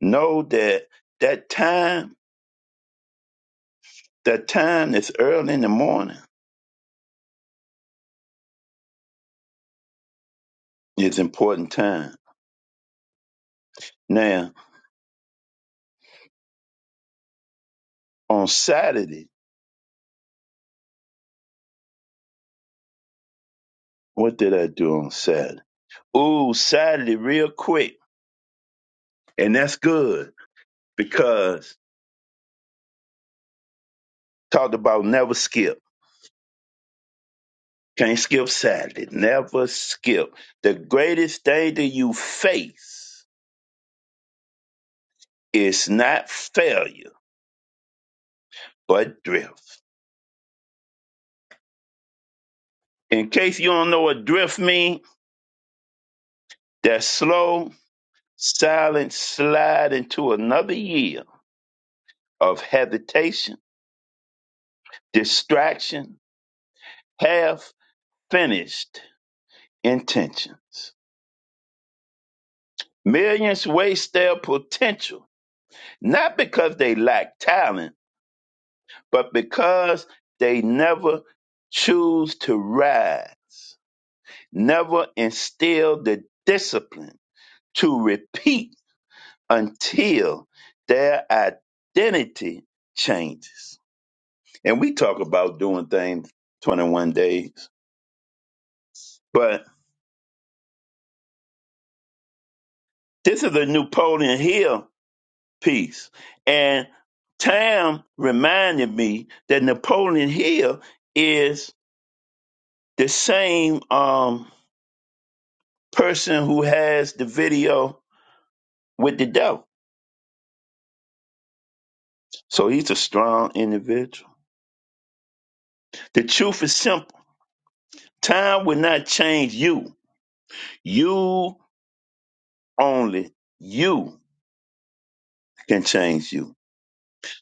know that that time, that time that's early in the morning is important time. Now, on Saturday, what did I do on Saturday? Ooh, Saturday, real quick. And that's good because talked about never skip. Can't skip Saturday. Never skip. The greatest danger you face is not failure, but drift. In case you don't know what drift means, that slow, silent slide into another year of hesitation, distraction, half finished intentions. Millions waste their potential, not because they lack talent But because they never choose to ride, never instill the discipline to repeat until their identity changes. And we talk about doing things 21 days, but this is a Napoleon Hill piece. And Tam reminded me that Napoleon Hill is the same um, person who has the video with the devil. So he's a strong individual. The truth is simple. Time will not change you. You only, you can change you.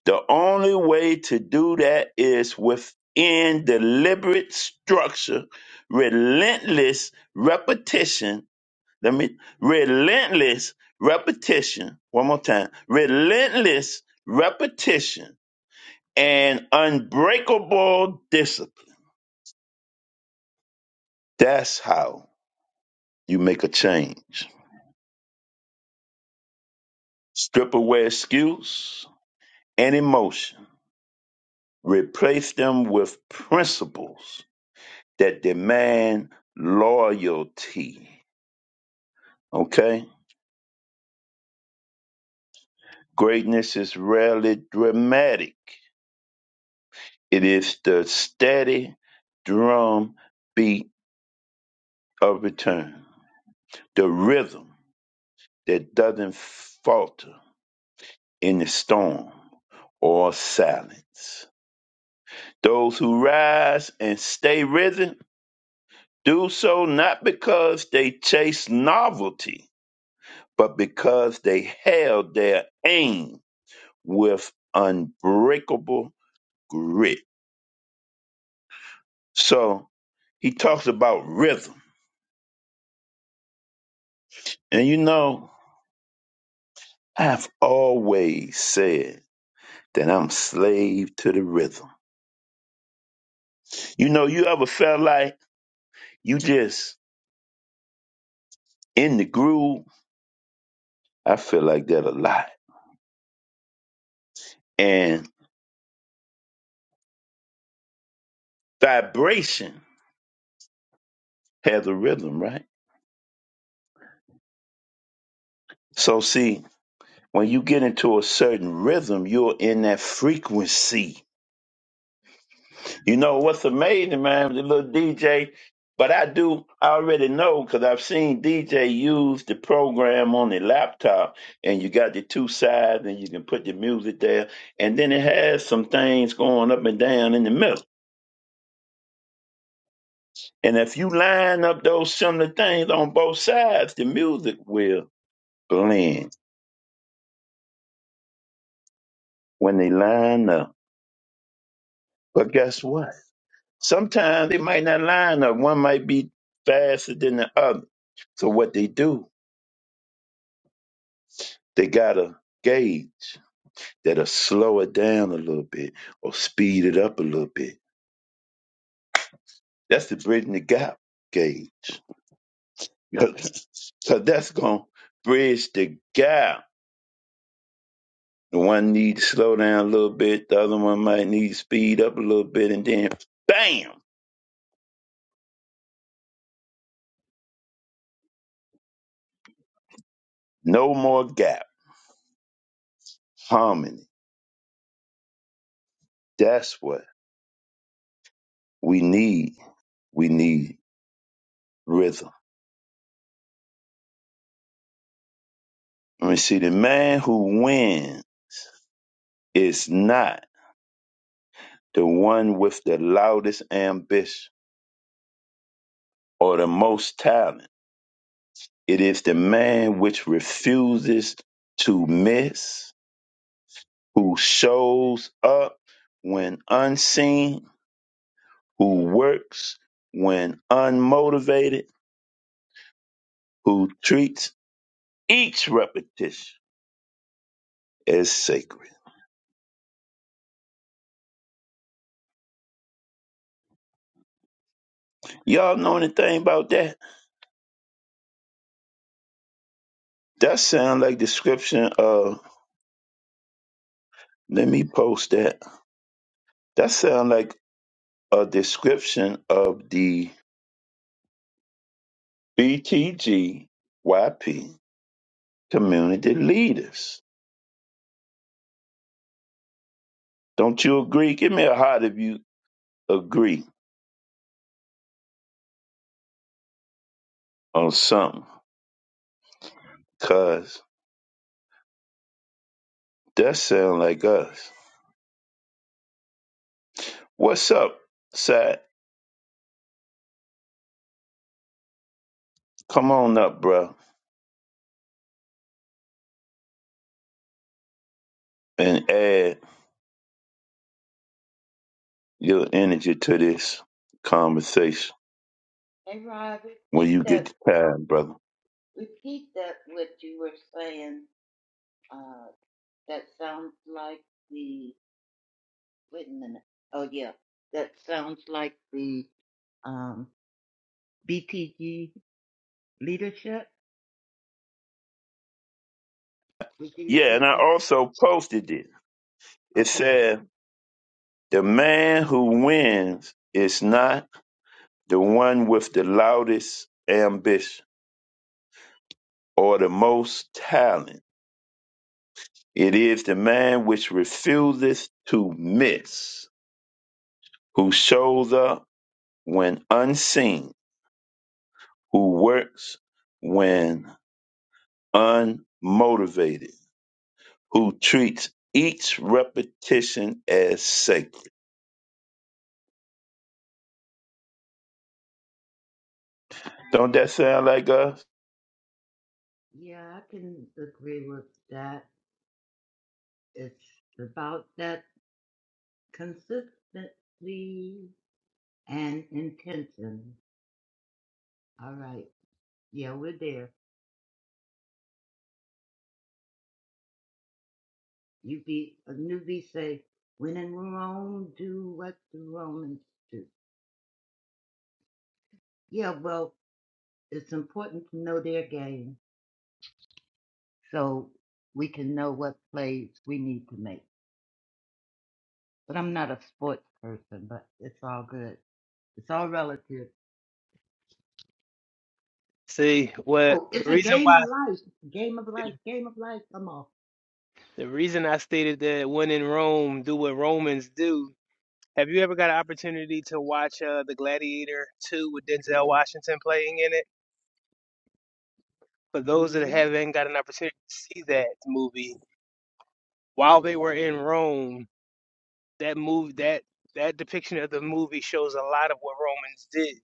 The only way to do that is within deliberate structure, relentless repetition. Let me, relentless repetition. One more time. Relentless repetition and unbreakable discipline. That's how you make a change. Strip away excuse and emotion. Replace them with principles that demand loyalty. Okay? Greatness is rarely dramatic, it is the steady drum beat of return, the rhythm that doesn't falter in the storm or silence. Those who rise and stay risen Do so not because they chase novelty, but because they held their aim with unbreakable grit. So he talks about rhythm. And you know, I've always said that I'm slave to the rhythm. You know, you ever felt like you just in the groove? I feel like that a lot. And vibration has a rhythm, right? So see, when you get into a certain rhythm, you're in that frequency. You know what's amazing, man, the little DJ. But I do I already know because I've seen DJ use the program on the laptop, and you got the two sides, and you can put the music there, and then it has some things going up and down in the middle. And if you line up those similar things on both sides, the music will blend when they line up. But guess what? Sometimes they might not line up. One might be faster than the other. So what they do, they got a gauge that'll slow it down a little bit or speed it up a little bit. That's the bridging the gap gauge. so that's gonna bridge the gap. The one needs to slow down a little bit, the other one might need to speed up a little bit, and then bam, no more gap. Harmony. That's what we need. We need rhythm. Let me see. The man who wins is not the one with the loudest ambition or the most talent. It is the man which refuses to miss, who shows up when unseen, who works when unmotivated, who treats each repetition as sacred. Y'all know anything about that? That sound like description of. Let me post that. That sound like a description of the BTGYP community leaders. Don't you agree? Give me a heart if you agree on something, because that sound like us. What's up, Sat? Come on up, bro, and add your energy to this conversation
Hey, Rod,
when
repeat
you get
that.
the time, brother.
Repeat that. What you were saying. Uh, that sounds like the. Wait a minute. Oh yeah, that sounds like the um, BTG leadership. Would you
Yeah, and
repeat
I
that?
also posted it. It
Okay.
said, the man who wins is not the one with the loudest ambition or the most talent. It is the man which refuseth to miss, who shows up when unseen, who works when unmotivated, who treats each repetition as sacred. Don't that sound like us?
Yeah, I can agree with that. It's about that consistency and intention. All right. Yeah, we're there. You be a newbie say, when in Rome, do what the Romans do. Yeah, well, it's important to know their game so we can know what plays we need to make. But I'm not a sports person, but it's all good. It's all relative.
See, what
Oh, it's
the
a
reason
game
why
of life. Game of life. Game of life. Come on.
the reason I stated that when in Rome, do what Romans do. Have you ever got an opportunity to watch uh, The Gladiator 2 with Denzel Washington playing in it? For those that
Ooh,
haven't got an opportunity to see that movie, while they were in Rome, that movie that that depiction of the movie shows a lot of what Romans did.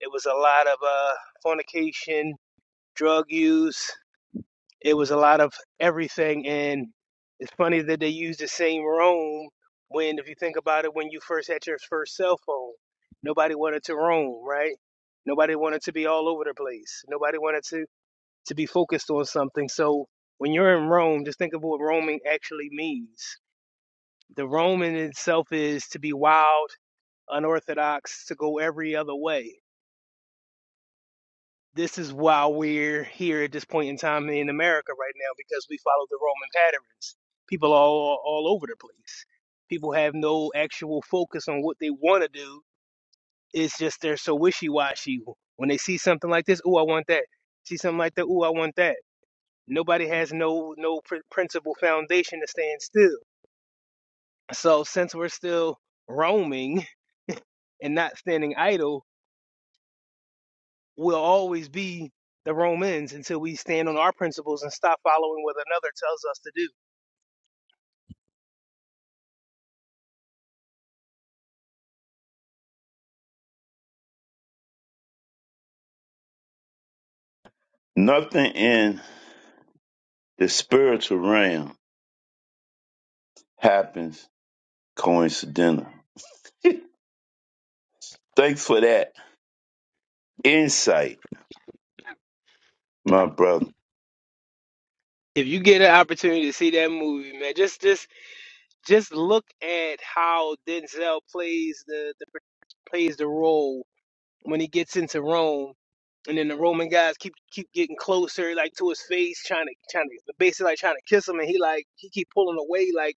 It was a lot of uh, fornication, drug use, It was a lot of everything, and it's funny that they use the same roam when, if you think about it, when you first had your first cell phone, nobody wanted to roam, right? Nobody wanted to be all over the place. Nobody wanted to to be focused on something. So when you're in Rome, just think of what roaming actually means. The roam in itself is to be wild, unorthodox, to go every other way This is why we're here at this point in time in America right now because we follow the Roman patterns. People are all, all over the place. People have no actual focus on what they want to do. It's just they're so wishy washy. When they see something like this, ooh, I want that. See something like that, ooh, I want that. Nobody has no no pr- principle foundation to stand still. So since we're still roaming and not standing idle, we'll always be the Romans until we stand on our principles and stop following what another tells us to do.
Nothing in the spiritual realm happens coincidental. Thanks for that insight, my brother.
If you get an opportunity to see that movie, man, just just just look at how Denzel plays the, the plays the role when he gets into Rome, and then the Roman guys keep keep getting closer, like to his face, trying to trying to basically like trying to kiss him, and he like he keep pulling away, like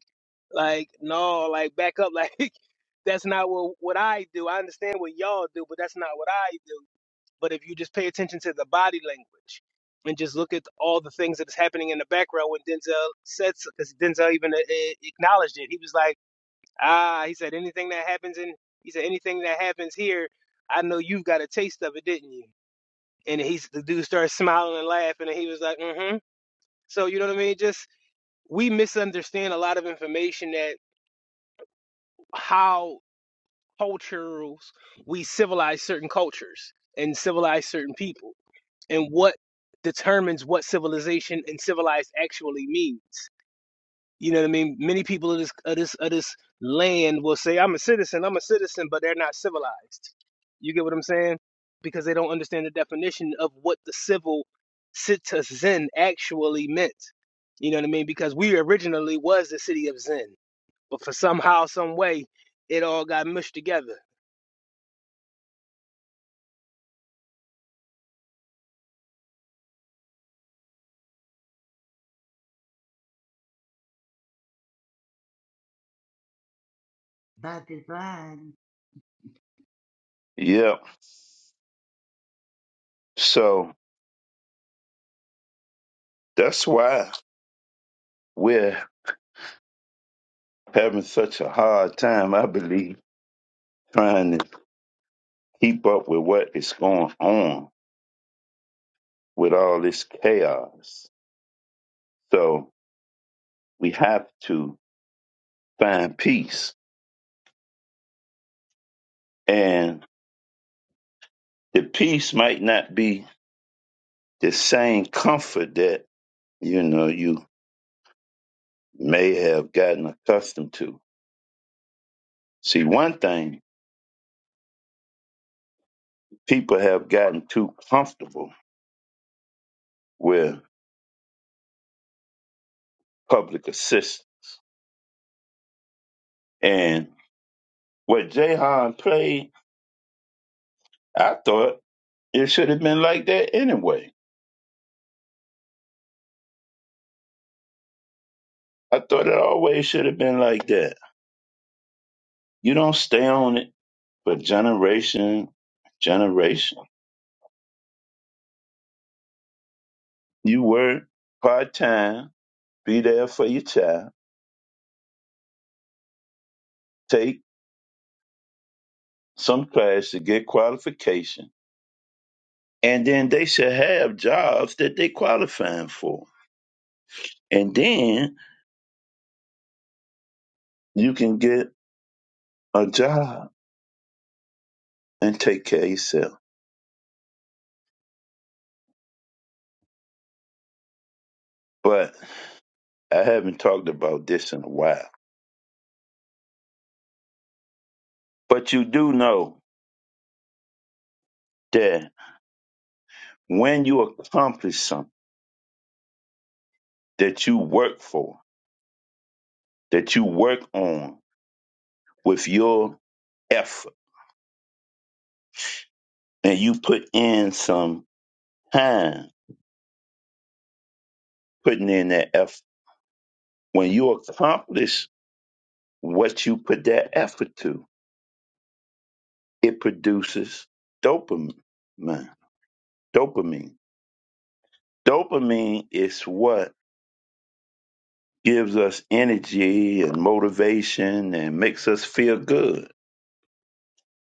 like no, like back up, like that's not what what I do. I understand what y'all do, but that's not what I do. But if you just pay attention to the body language and just look at all the things that's happening in the background when Denzel said, because Denzel even uh, uh, acknowledged it. He was like, ah, he said, anything that happens in, he said, anything that happens here, I know you've got a taste of it, didn't you? And he's the dude started smiling and laughing, and he was like, mm-hmm. So you know what I mean? Just we misunderstand a lot of information that how cultures we civilize certain cultures and civilize certain people and what determines what civilization and civilized actually means. You know what I mean? Many people of this of this of this land will say, "I'm a citizen, I'm a citizen," but they're not civilized. You get what I'm saying? Because they don't understand the definition of what the civil citizen actually meant. You know what I mean? Because we originally was the city of Zen, but for somehow, some way, it all got mushed together.
by design.
Yeah. So that's why we're having such a hard time, I believe, trying to keep up with what is going on with all this chaos. So we have to find peace. And the peace might not be the same comfort that, you know, you may have gotten accustomed to. See, one thing, people have gotten too comfortable with public assistance. and. what Jahan played, I thought it should have been like that anyway. I thought it always should have been like that. You don't stay on it for generation, generation. You work part time, be there for your child, take some class to get qualification, and then they should have jobs that they qualifying for. And then you can get a job and take care of yourself. But I haven't talked about this in a while But you do know that when you accomplish something that you work for, that you work on with your effort, and you put in some time putting in that effort, when you accomplish what you put that effort to, it produces dopamine. Dopamine. Dopamine is what gives us energy and motivation and makes us feel good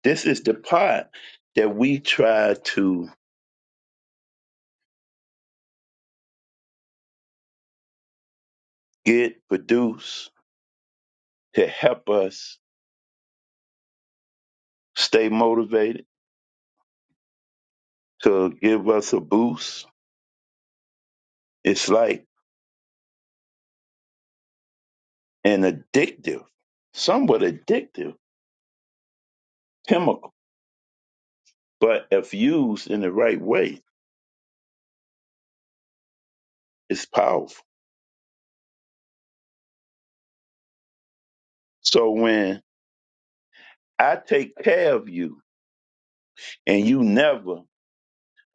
This is the part that we try to get produce to help us stay motivated, to give us a boost. It's like an addictive, somewhat addictive chemical, but if used in the right way, it's powerful. So when I take care of you and you never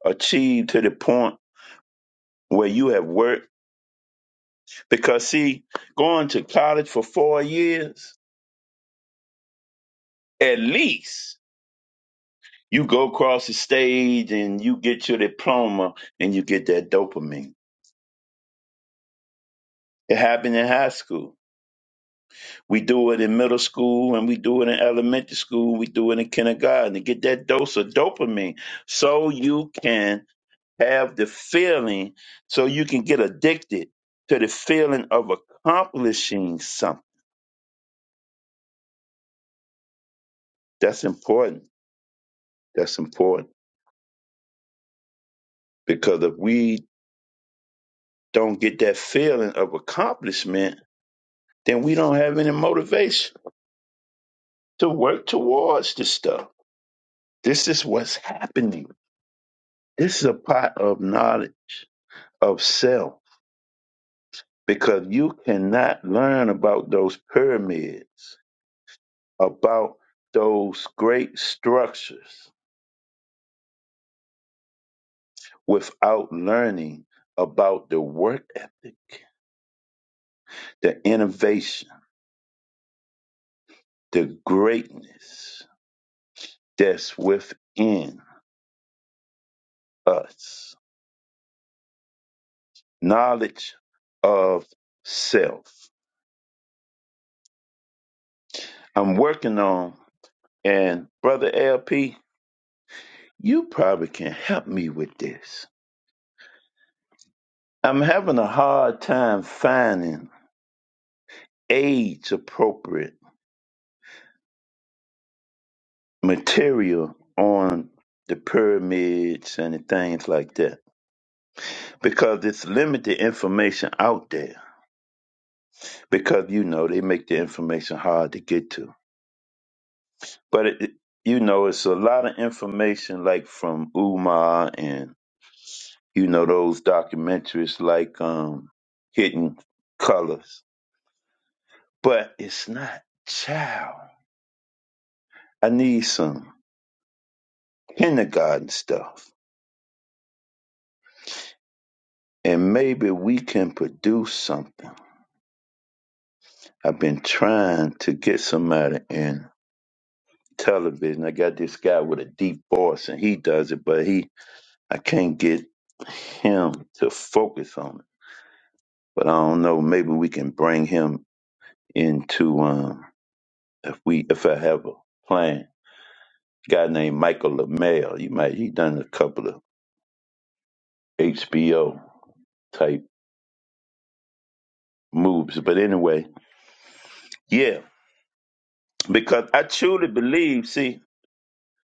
achieve to the point where you have worked, because see, going to college for four years, at least You go across the stage and you get your diploma and you get that dopamine. It happened in high school. We do it in middle school and we do it in elementary school. We do it in kindergarten to get that dose of dopamine so you can have the feeling, so you can get addicted to the feeling of accomplishing something. That's important. That's important because if we don't get that feeling of accomplishment, then we don't have any motivation to work towards this stuff. This is what's happening. This is a part of knowledge of self because you cannot learn about those pyramids, about those great structures without learning about the work ethic, the innovation, the greatness that's within us. Knowledge of self. I'm working on and brother LP, You probably can help me with this. I'm having a hard time finding age appropriate material on the pyramids and the things like that because it's limited information out there because you know they make the information hard to get to but it, it- you know it's a lot of information like from umar and you know those documentaries like um hidden colors but it's not child I need some kindergarten stuff, and maybe we can produce something. I've been trying to get somebody in television. I got this guy with a deep voice, and he does it, but he I can't get him to focus on it. But I don't know. Maybe we can bring him into um, if we if I have a plan. guy named Michael LaMelle. You might he done a couple of HBO type moves. But anyway, yeah. because I truly believe, see,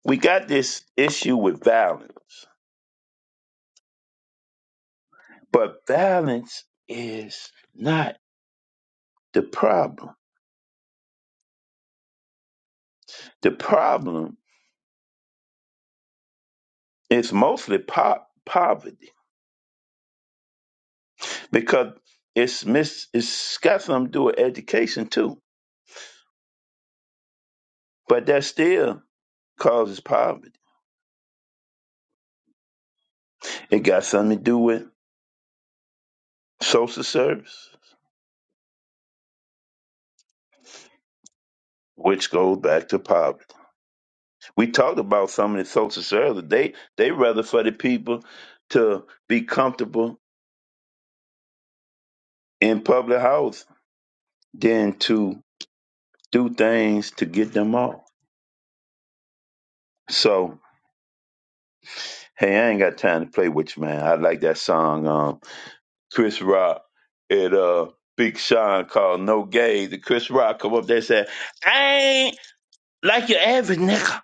we got this issue with violence, but violence is not the problem. The problem is mostly po- poverty because it's mis- it's got something to do with education too, but that still causes poverty. It got something to do with social service, which goes back to poverty. We talked about some of the social services. They they rather for the people to be comfortable in public house than to do things to get them off. So, hey, I ain't got time to play with you, man. I like that song, um, Chris Rock and uh, Big Sean called No Gay. The Chris Rock come up there and said, I ain't like your average nigga.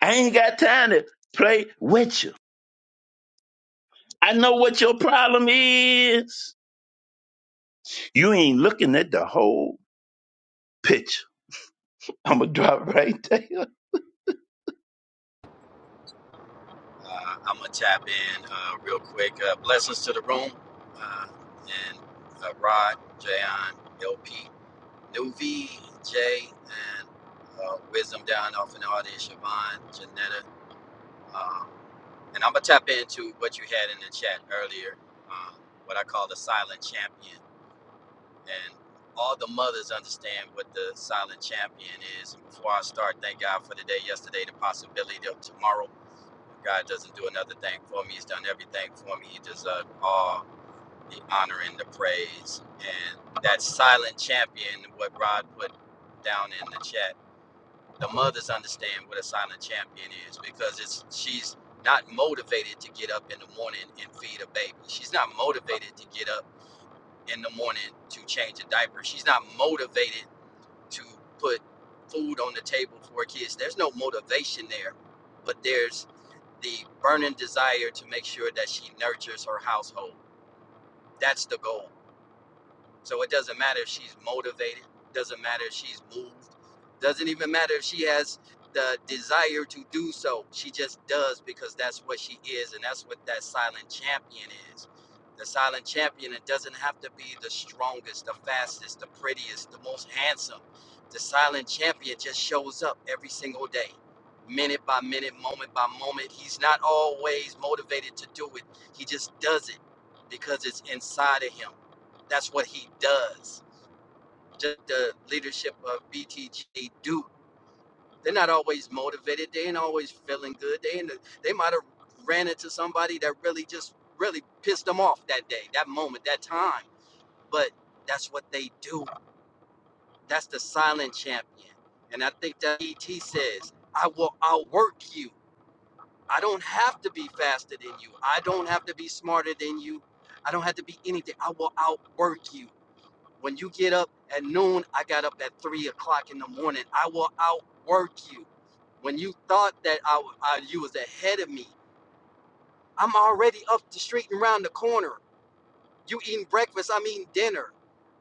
I ain't got time to play with you. I know what your problem is. You ain't looking at the whole picture. I'ma drop right there.
Uh, I'm gonna tap in uh, real quick. Uh, blessings to the room uh, and uh, Rod, Jayon, LP, Nuvi, Jay, and uh, Wisdom down off in the audience, Siobhan, Janetta. Um, and I'm gonna tap into what you had in the chat earlier, um, what I call the silent champion, and all the mothers understand what the silent champion is. Before I start, thank God for the day yesterday, the possibility of tomorrow. God doesn't do another thing for me. He's done everything for me. He deserves all the honor and the praise. And that silent champion, what Rod put down in the chat, the mothers understand what a silent champion is because it's she's not motivated to get up in the morning and feed a baby. She's not motivated to get up in the morning to change a diaper. She's not motivated to put food on the table for kids. There's no motivation there, but there's the burning desire to make sure that she nurtures her household. That's the goal. So it doesn't matter if she's motivated, doesn't matter if she's moved, doesn't even matter if she has the desire to do so. She just does because that's what she is, and that's what that silent champion is. The silent champion, it doesn't have to be the strongest, the fastest, the prettiest, the most handsome. The silent champion just shows up every single day, minute by minute, moment by moment. He's not always motivated to do it, he just does it because it's inside of him that's what he does. Just the leadership of BTG do. They're not always motivated. They ain't always feeling good. They ain't, they might have ran into somebody that really just really pissed them off that day, that moment, that time. But that's what they do. That's the silent champion. And I think that ET says, I will outwork you. I don't have to be faster than you. I don't have to be smarter than you. I don't have to be anything. I will outwork you. When you get up at noon, I got up at three o'clock in the morning. I will outwork you. When you thought that I, I, you was ahead of me, I'm already up the street and around the corner. You eating breakfast, I'm eating dinner.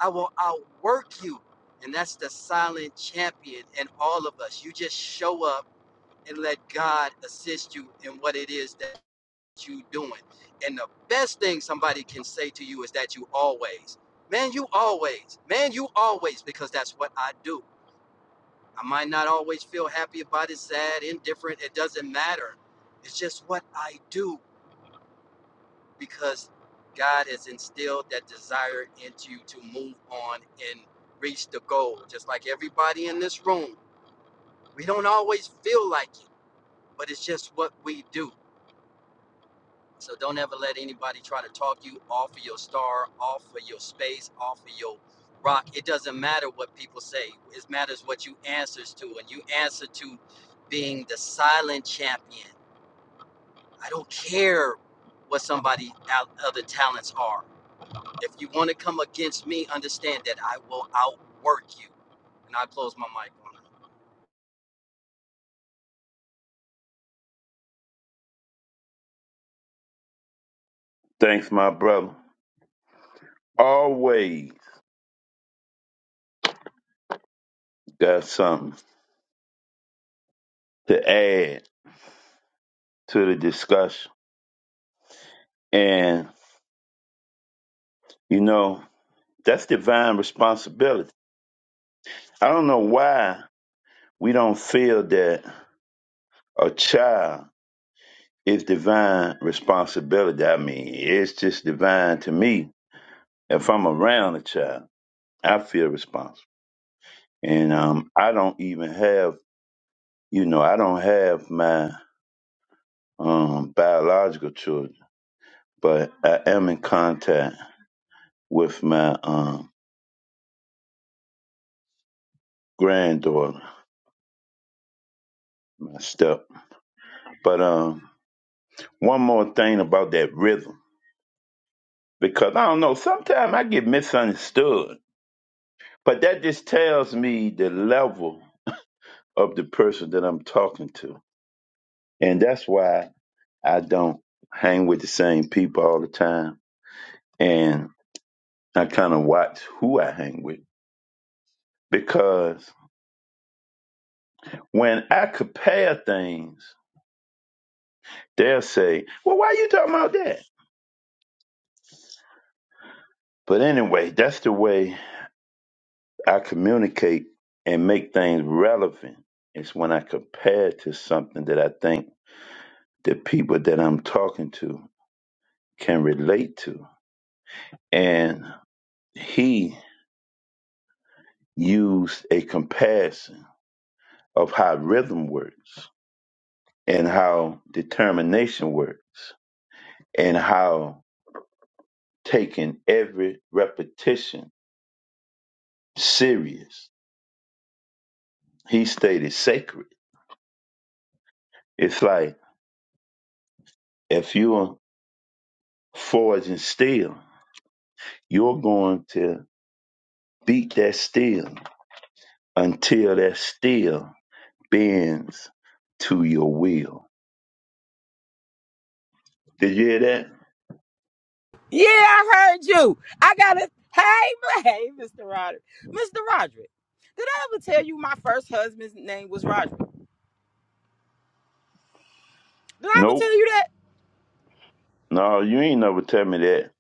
I will outwork you. And that's the silent champion in all of us. You just show up and let God assist you in what it is that you doing. And the best thing somebody can say to you is that you always, man, you always, man, you always, because that's what I do. I might not always feel happy about it, sad, indifferent, it doesn't matter. It's just what I do because God has instilled that desire into you to move on and reach the goal. Just like everybody in this room, we don't always feel like it, but it's just what we do. So don't ever let anybody try to talk you off of your star, off of your space, off of your rock. It doesn't matter what people say. It matters what you answers to, and you answer to being the silent champion. I don't care what somebody out other talents are. If you want to come against me, understand that I will outwork you. And I close my mic on that.
Thanks, my brother. Always got something. to add to the discussion. And, you know, that's divine responsibility. I don't know why we don't feel that a child is divine responsibility. I mean, it's just divine to me. If I'm around a child, I feel responsible. And um, I don't even have, you know, I don't have my um, biological children, but I am in contact with my um, granddaughter, my step. But um, one more thing about that rhythm because I don't know, sometimes I get misunderstood, but that just tells me the level of the person that I'm talking to. And that's why I don't hang with the same people all the time. And I kind of watch who I hang with because when I compare things, they'll say, Well, why are you talking about that? But anyway, that's the way I communicate and make things relevant. It's when I compare to something that I think the people that I'm talking to can relate to. And he used a comparison of how rhythm works and how determination works and how taking every repetition serious. He stated sacred. It's like if you're forging steel, you're going to Beat that steel until that steel bends to your will. Did you hear that? Nope. No, you ain't never tell me that.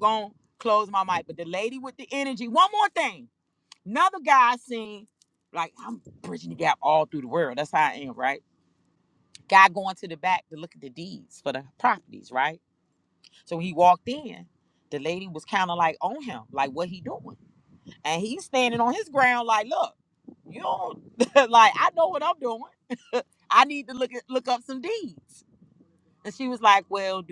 Gonna close my mic. But the lady with the energy, one more thing. Another guy I seen, like I'm bridging the gap all through the world. That's how I am, right? Guy going to the back to look at the deeds for the properties, right? So when he walked in, the lady was kind of like on him, like what he doing. And he's standing on his ground, like, look, you don't like I know what I'm doing. I need to look at, look up some deeds. And she was like, well,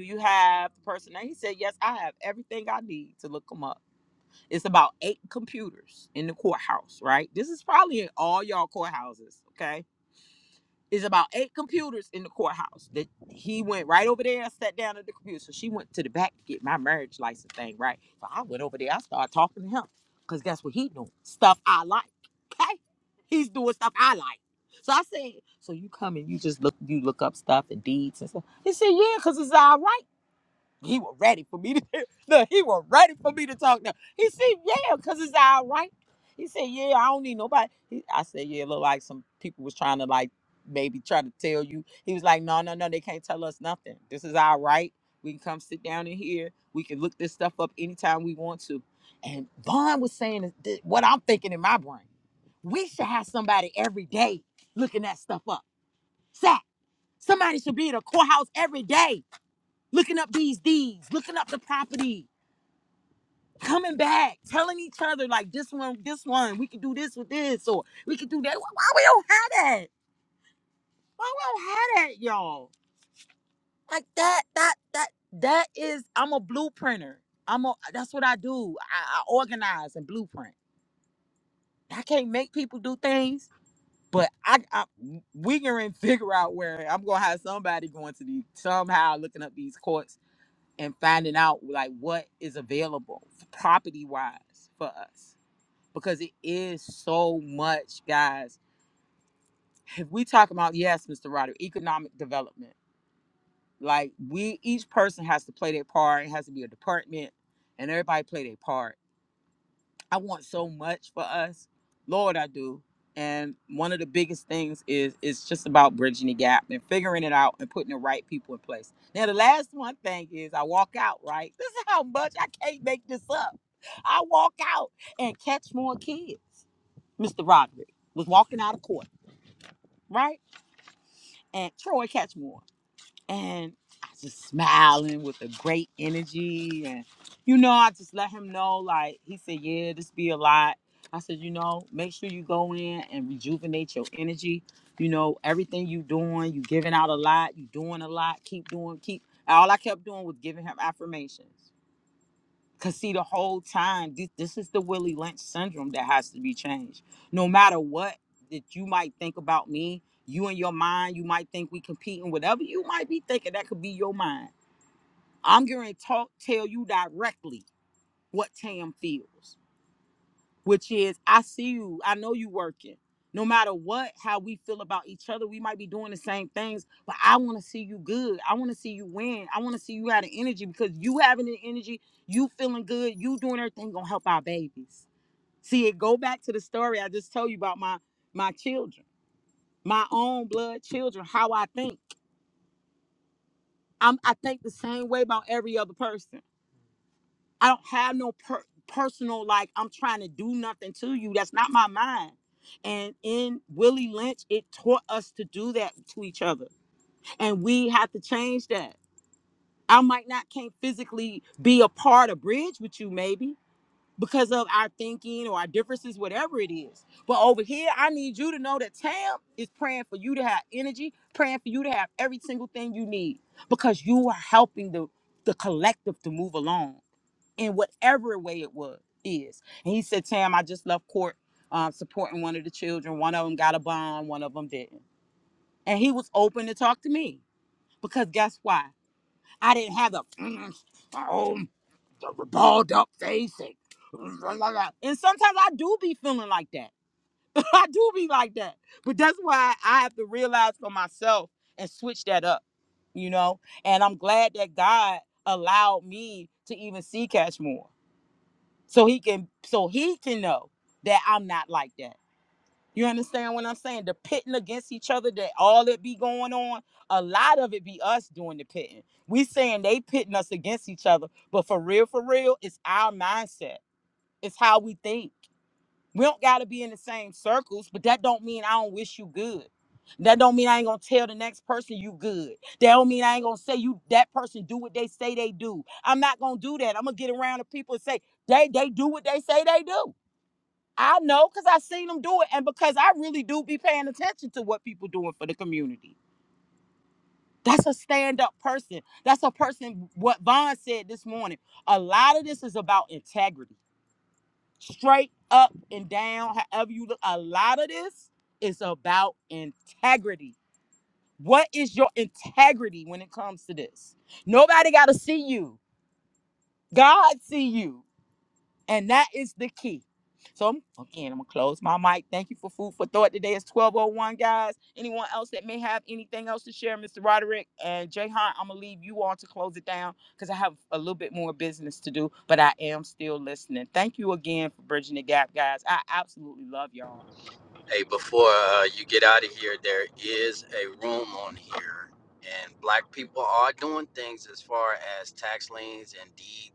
Hey, before uh, you get out of here, there is a room on here, and black people are doing things as far as tax liens and deed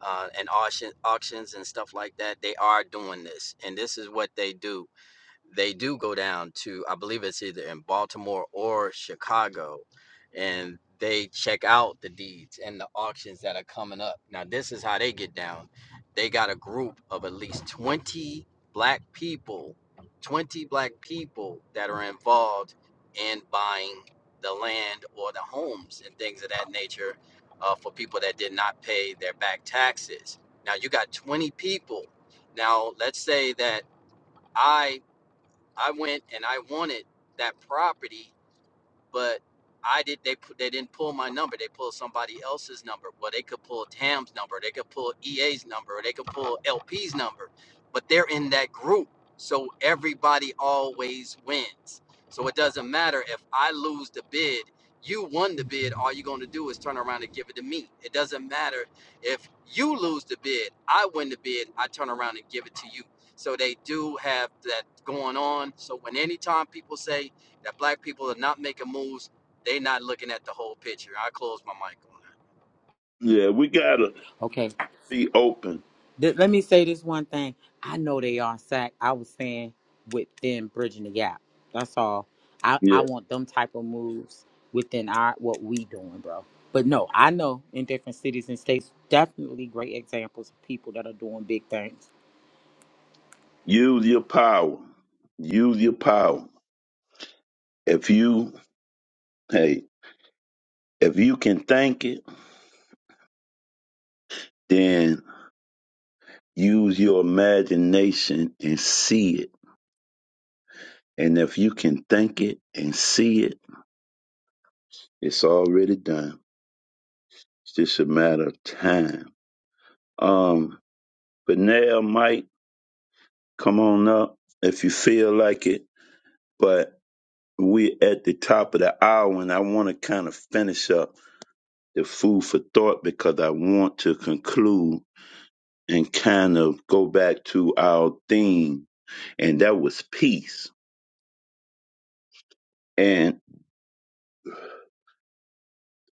uh, and auction, auctions and stuff like that. They are doing this, and this is what they do they do go down to I believe it's either in Baltimore or Chicago, and they check out the deeds and the auctions that are coming up. Now this is how they get down. They got a group of at least 20 black people, 20 black people that are involved in buying the land or the homes and things of that nature uh, for people that did not pay their back taxes. Now you got 20 people. Now let's say that I I went and I wanted that property but I did. They they didn't pull my number. They pulled somebody else's number. Well, they could pull Tam's number. They could pull EA's number. They could pull LP's number. But they're in that group, so everybody always wins. So it doesn't matter if I lose the bid. You won the bid. All you're going to do is turn around and give it to me. It doesn't matter if you lose the bid. I win the bid. I turn around and give it to you. So they do have that going on. So when anytime people say that black people are not making moves, they not looking at the whole picture. I close my mic on that.
Yeah, we gotta be open. Yeah.
different cities and states definitely great examples of people that are doing big things.
Use your power. Use your power. If you hey, if you can think it, then use your imagination and see it. And if you can think it and see it, it's already done. It's just a matter of time. Um But now, Mike, come on up if you feel like it. But we're at the top of the hour, and I want to kind of finish up the food for thought because I want to conclude and kind of go back to our theme, and that was peace. And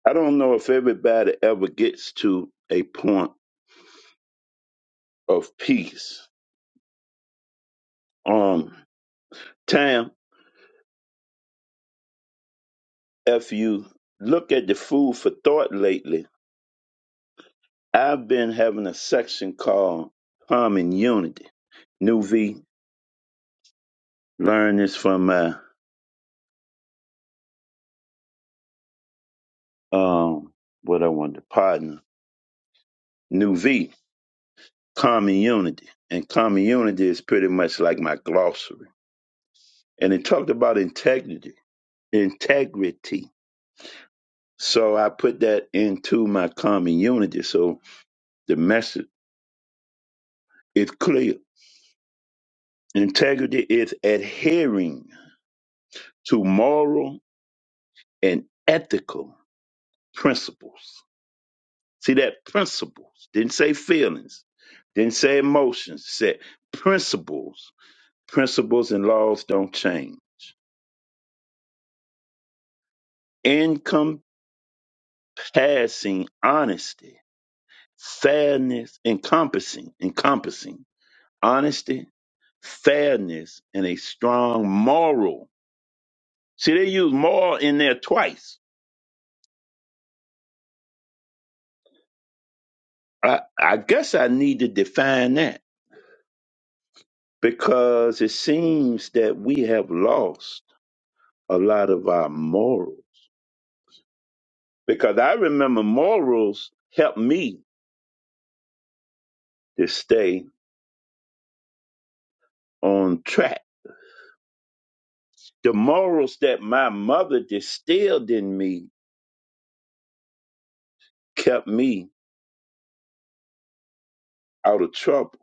I don't know if everybody ever gets to a point of peace. Um, Tam, if you look at the food for thought lately, I've been having a section called Common Unity. New V learned this from my um what I wanted to partner. New V, Common Unity. And Common Unity is pretty much like my glossary. And it talked about integrity. Integrity. So I put that into my common unity. So the message is clear. Integrity is adhering to moral and ethical principles See that principles didn't say feelings, didn't say emotions, said principles. Principles and laws don't change. Encompassing honesty, fairness, encompassing, encompassing honesty, fairness, and a strong moral. See, they use moral in there twice. I, I guess I need to define that because it seems that we have lost a lot of our morals because I remember morals helped me to stay on track. The morals that my mother distilled in me kept me out of trouble.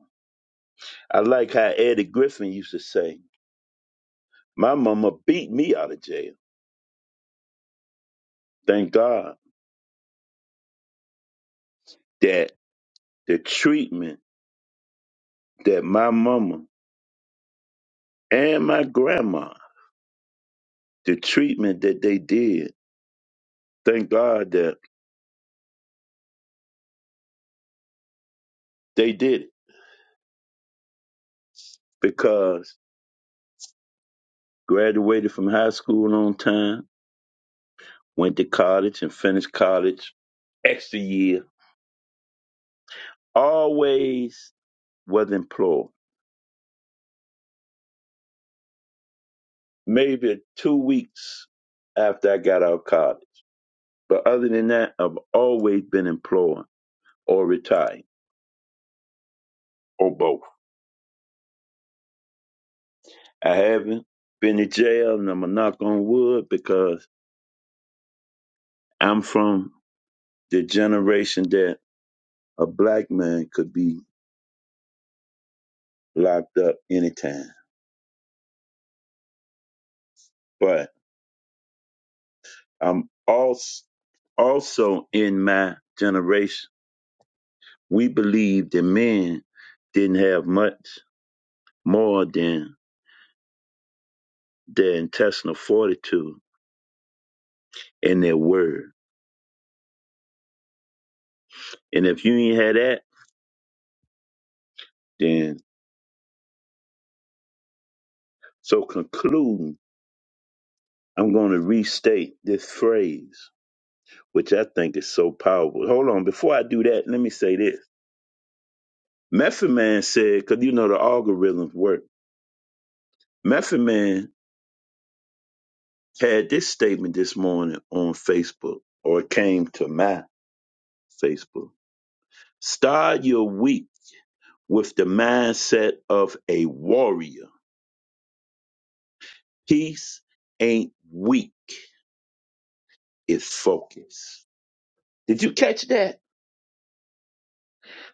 I like how Eddie Griffin used to say, My mama beat me out of jail. Thank God that the treatment that my mama and my grandma, the treatment that they did, thank God that they did it because graduated from high school on time Went to college and finished college extra year. Always was employed. Maybe two weeks after I got out of college. But other than that, I've always been employed or retired or both. I haven't been to jail, and I'm a knock on wood because I'm from the generation that a black man could be locked up anytime. But I'm also also in my generation We believe that men didn't have much more than their intestinal fortitude and their word. And if you ain't had that, then so concluding, I'm going to restate this phrase, which I think is so powerful. Hold on, before I do that, let me say this. Method Man said, because you know the algorithms work. Method Man had this statement this morning on Facebook, or it came to my Facebook. Start your week with the mindset of a warrior. Peace ain't weak, it's focus. Did you catch that?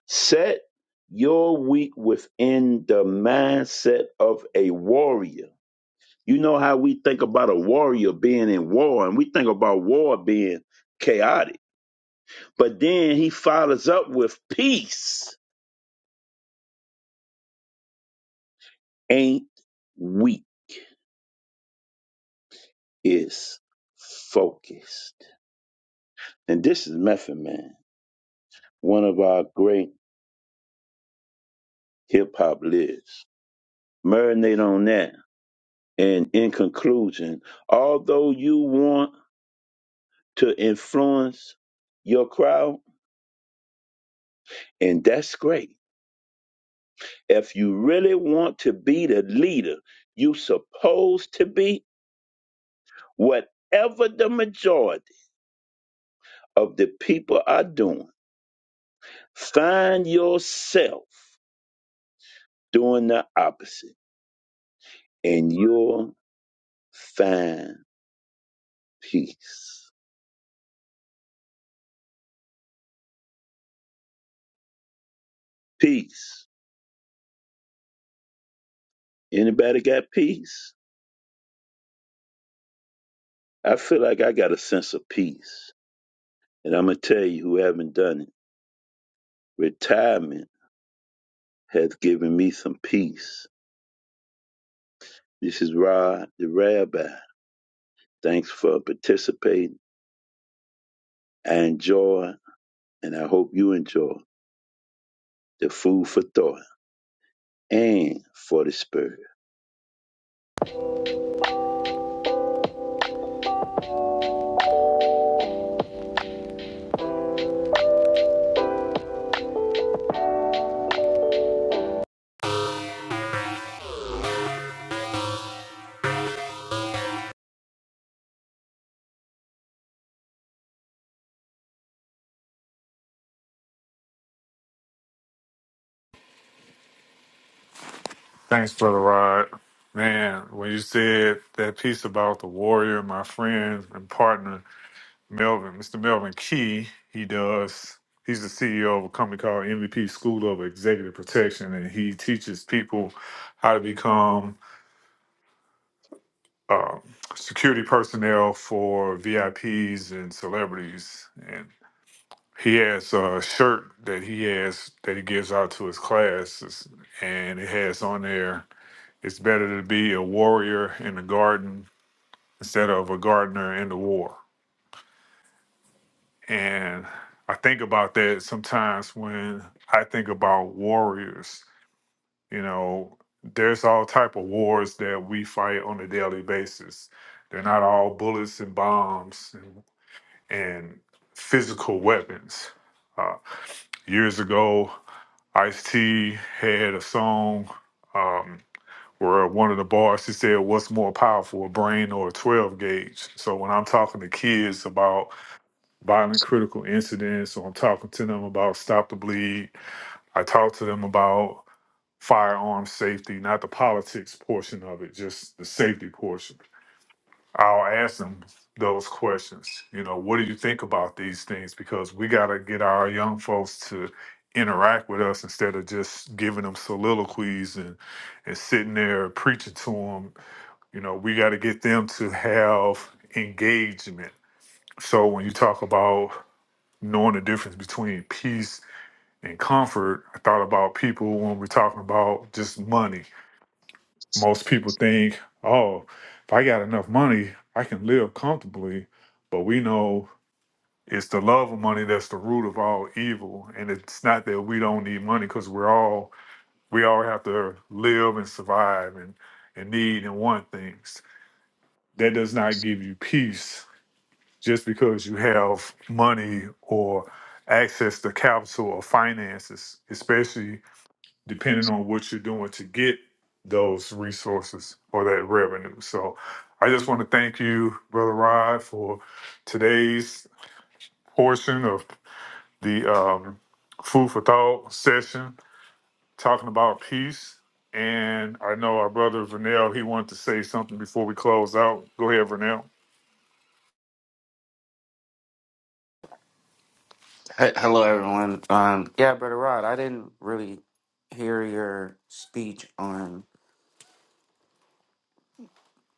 Set your week within the mindset of a warrior. You know how we think about a warrior being in war, and we think about war being chaotic. But then he follows up with peace ain't weak, it's focused. And this is Method Man, one of our great hip hop lives. Marinate on that. And in conclusion, although you want to influence your crowd, and that's great. If you really want to be the leader you supposed to be, whatever the majority of the people are doing, find yourself doing the opposite and you'll find peace. Peace. Anybody got peace? I feel like I got a sense of peace. And I'm going to tell you who haven't done it. Retirement has given me some peace. This is Rod, the rabbi. Thanks for participating. I enjoy, and I hope you enjoy the food for thought and for the spirit.
Thanks, Brother Rod. Man, when you said that piece about the warrior, my friend and partner, Melvin, Mr. Melvin Key, he does. He's the CEO of a company called MVP School of Executive Protection, and he teaches people how to become uh, security personnel for VIPs and celebrities. And he has a shirt that he has that he gives out to his classes, and it has on there It's better to be a warrior in the garden instead of a gardener in the war. And I think about that sometimes when I think about warriors. You know, there's all type of wars that we fight on a daily basis. They're not all bullets and bombs and, and physical weapons. Uh, years ago, Ice T had a song. Um, where one of the bars she said, "What's more powerful, a brain or a twelve gauge?" So when I'm talking to kids about violent critical incidents, or I'm talking to them about stop the bleed, I talk to them about firearm safety, not the politics portion of it, just the safety portion. I'll ask them those questions. You know, what do you think about these things? Because we got to get our young folks to interact with us instead of just giving them soliloquies and and sitting there preaching to them you know, we got to get them to have engagement. So when you talk about knowing the difference between peace and comfort, I thought about people when we're talking about just money. Most people think, oh, if I got enough money, I can live comfortably. But we know it's the love of money that's the root of all evil. And it's not that we don't need money because we're all, we all have to live and survive and, and need and want things that does not give you peace just because you have money or access to capital or finances, especially depending on what you're doing to get those resources or that revenue. So I just want to thank you, Brother Rod, for today's portion of the um, Food for Thought session, talking about peace. And I know our brother Vernell, he wanted to say something before we close out. Go ahead, Vernell.
He- Hello, everyone. Um, yeah, Brother Rod, I didn't really hear your speech on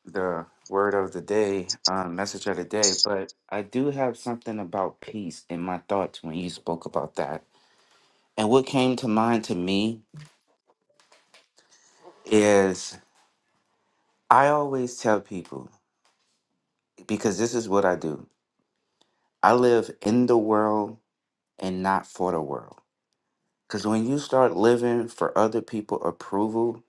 the word of the day, um, message of the day, but I do have something about peace in my thoughts when you spoke about that. And what came to mind to me is I always tell people, because this is what I do I live in the world and not for the world. Because when you start living for other people approval,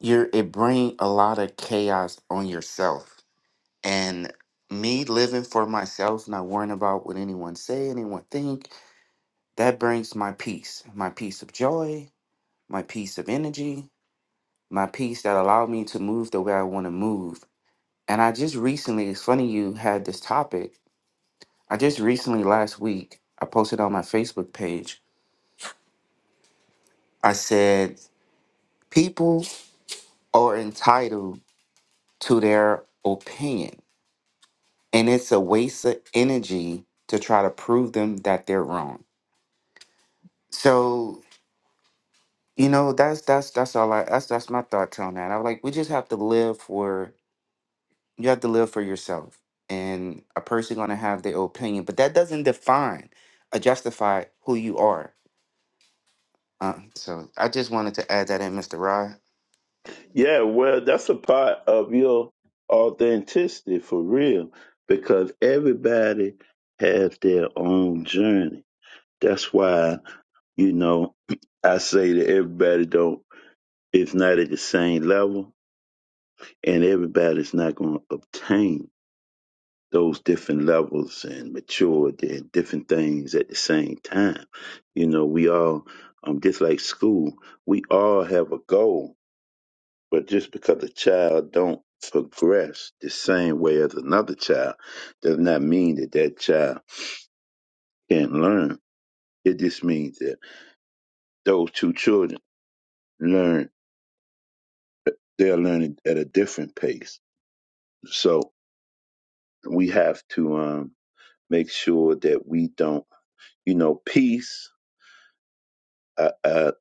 you're it bring a lot of chaos on yourself and me living for myself not worrying about what anyone say anyone think that brings my peace my peace of joy my peace of energy my peace that allowed me to move the way i want to move and i just recently it's funny you had this topic i just recently last week i posted on my facebook page i said people are entitled to their opinion And it's a waste of energy to try to prove them that they're wrong. So, you know, that's that's that's all I that's that's my thoughts on that. I am like, we just have to live for you have to live for yourself. And a person gonna have their opinion, but that doesn't define or justify who you are. Uh, so I just wanted to add that in, Mr. Rod.
Yeah, well, that's a part of your authenticity for real because everybody has their own journey That's why, you know, I say that everybody don't is not at the same level and everybody's not gonna obtain those different levels and mature and different things at the same time. You know, we all um just like school, we all have a goal, but just because a child don't progress the same way as another child does not mean that that child can't learn. It just means that those two children learn they're learning at a different pace. So we have to um, make sure that we don't, you know, peace. I, I,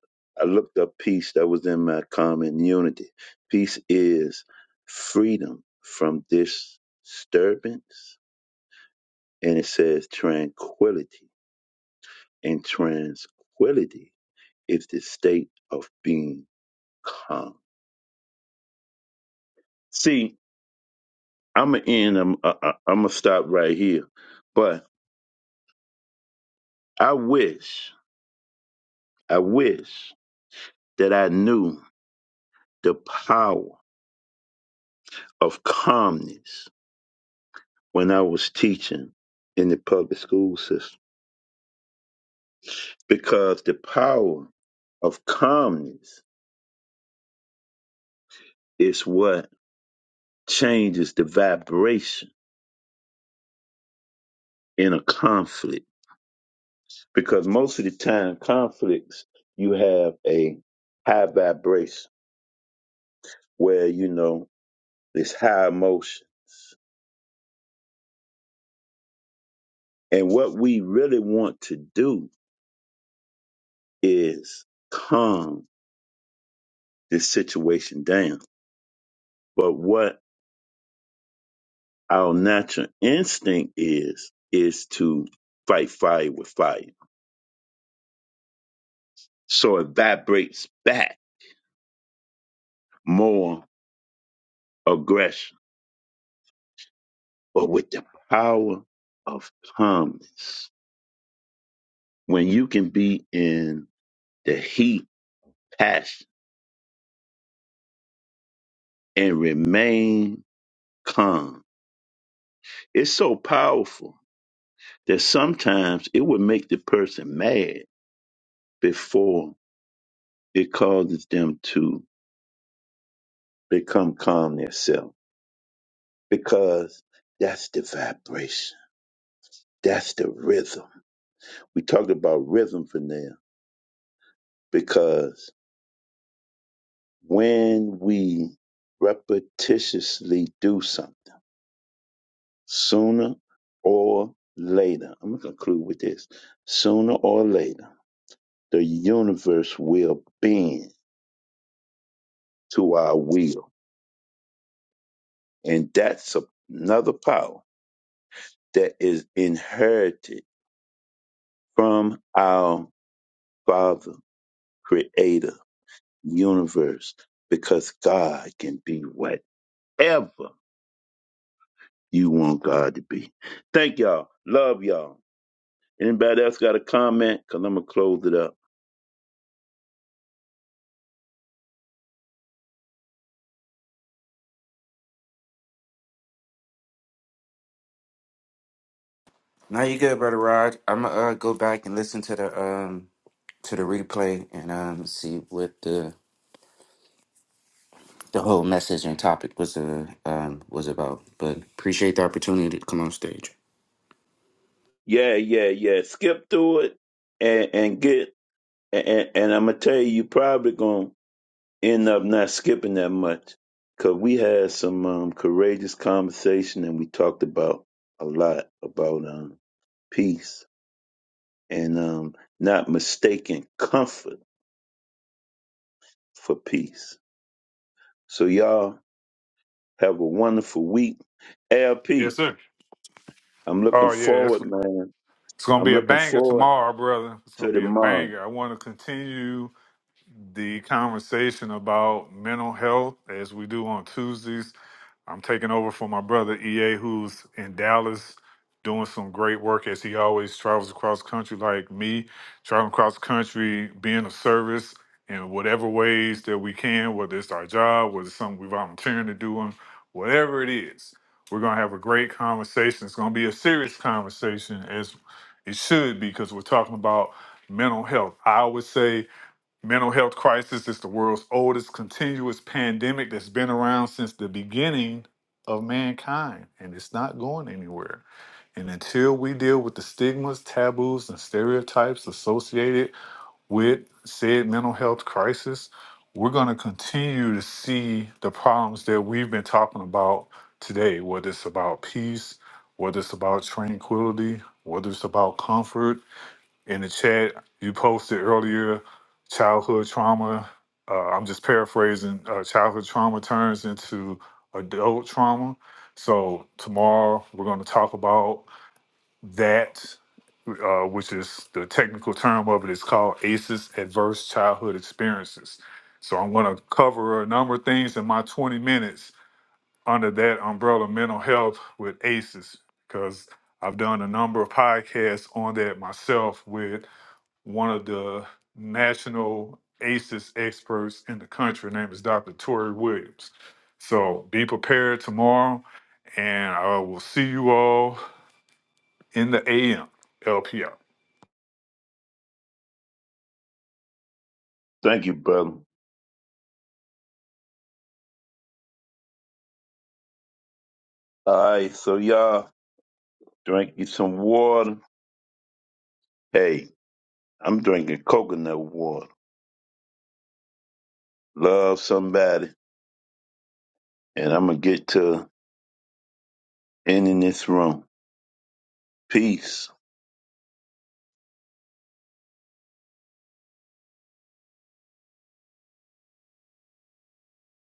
I looked up peace. That was in my comment unity. Peace is freedom from disturbance, and it says tranquility. And tranquility is the state of being calm. See, I'm gonna end. I'm I, I- I'm gonna stop right here, but I wish I wish that I knew the power of calmness when I was teaching in the public school system because the power of calmness is what changes the vibration in a conflict. Because most of the time, conflicts, you have a high vibration where, you know, it's high emotion. And what we really want to do is calm this situation down But what our natural instinct is, is to fight fire with fire. So it vibrates back more aggression, but with the power of calmness. When you can be in the heat, passion, and remain calm, it's so powerful that sometimes it would make the person mad before it causes them to become calm themselves because that's the vibration. That's the rhythm. We talked about rhythm for now because when we repetitiously do something, sooner or later, I'm going to conclude with this sooner or later, the universe will bend to our will. And that's a- another power that is inherited from our Father Creator universe because God can be whatever you want God to be. Thank y'all. Love y'all. Anybody else got a comment? Cause I'm gonna close it up.
No, you good, brother Rod. I'm gonna uh, go back and listen to the um to the replay and um see what the the whole message and topic was uh, um, was about. But appreciate the opportunity to come on stage.
Yeah, yeah, yeah. Skip through it and and get and and I'm gonna tell you, you probably gonna end up not skipping that much. Cause we had some um, courageous conversation and we talked about a lot about um peace and um not mistaking comfort for peace So y'all have a wonderful week.
Yes,
LP,
sir.
I'm looking
Oh, yeah. that's
forward, man.
It's gonna
I'm
be a
looking
banger
forward
tomorrow, brother. It's gonna
to
be a
tomorrow.
banger. I want to continue the conversation about mental health as we do on Tuesdays. I'm taking over for my brother EA, who's in Dallas doing some great work as he always travels across country like me, traveling across country, being of service in whatever ways that we can, whether it's our job, whether it's something we're volunteering to do, and whatever it is. We're going to have a great conversation. It's going to be a serious conversation as it should be because we're talking about mental health. I would say Mental health crisis is the world's oldest continuous pandemic that's been around since the beginning of mankind, and it's not going anywhere. And until we deal with the stigmas, taboos, and stereotypes associated with said mental health crisis, we're going to continue to see the problems that we've been talking about today, whether it's about peace, whether it's about tranquility, whether it's about comfort, in the chat you posted earlier childhood trauma uh, i'm just paraphrasing uh, childhood trauma turns into adult trauma so tomorrow we're going to talk about that uh, which is the technical term of it is called aces adverse childhood experiences so i'm going to cover a number of things in my 20 minutes under that umbrella mental health with aces because I've done a number of podcasts on that myself with one of the national ACEs experts in the country. Her name is Dr. Tori Williams. So be prepared tomorrow, and I will see you all in the AM LPR.
Thank you, brother. All right, so y'all drink you some water. Hey, I'm drinking coconut water. Love somebody, and I'm gonna get to ending this room. Peace.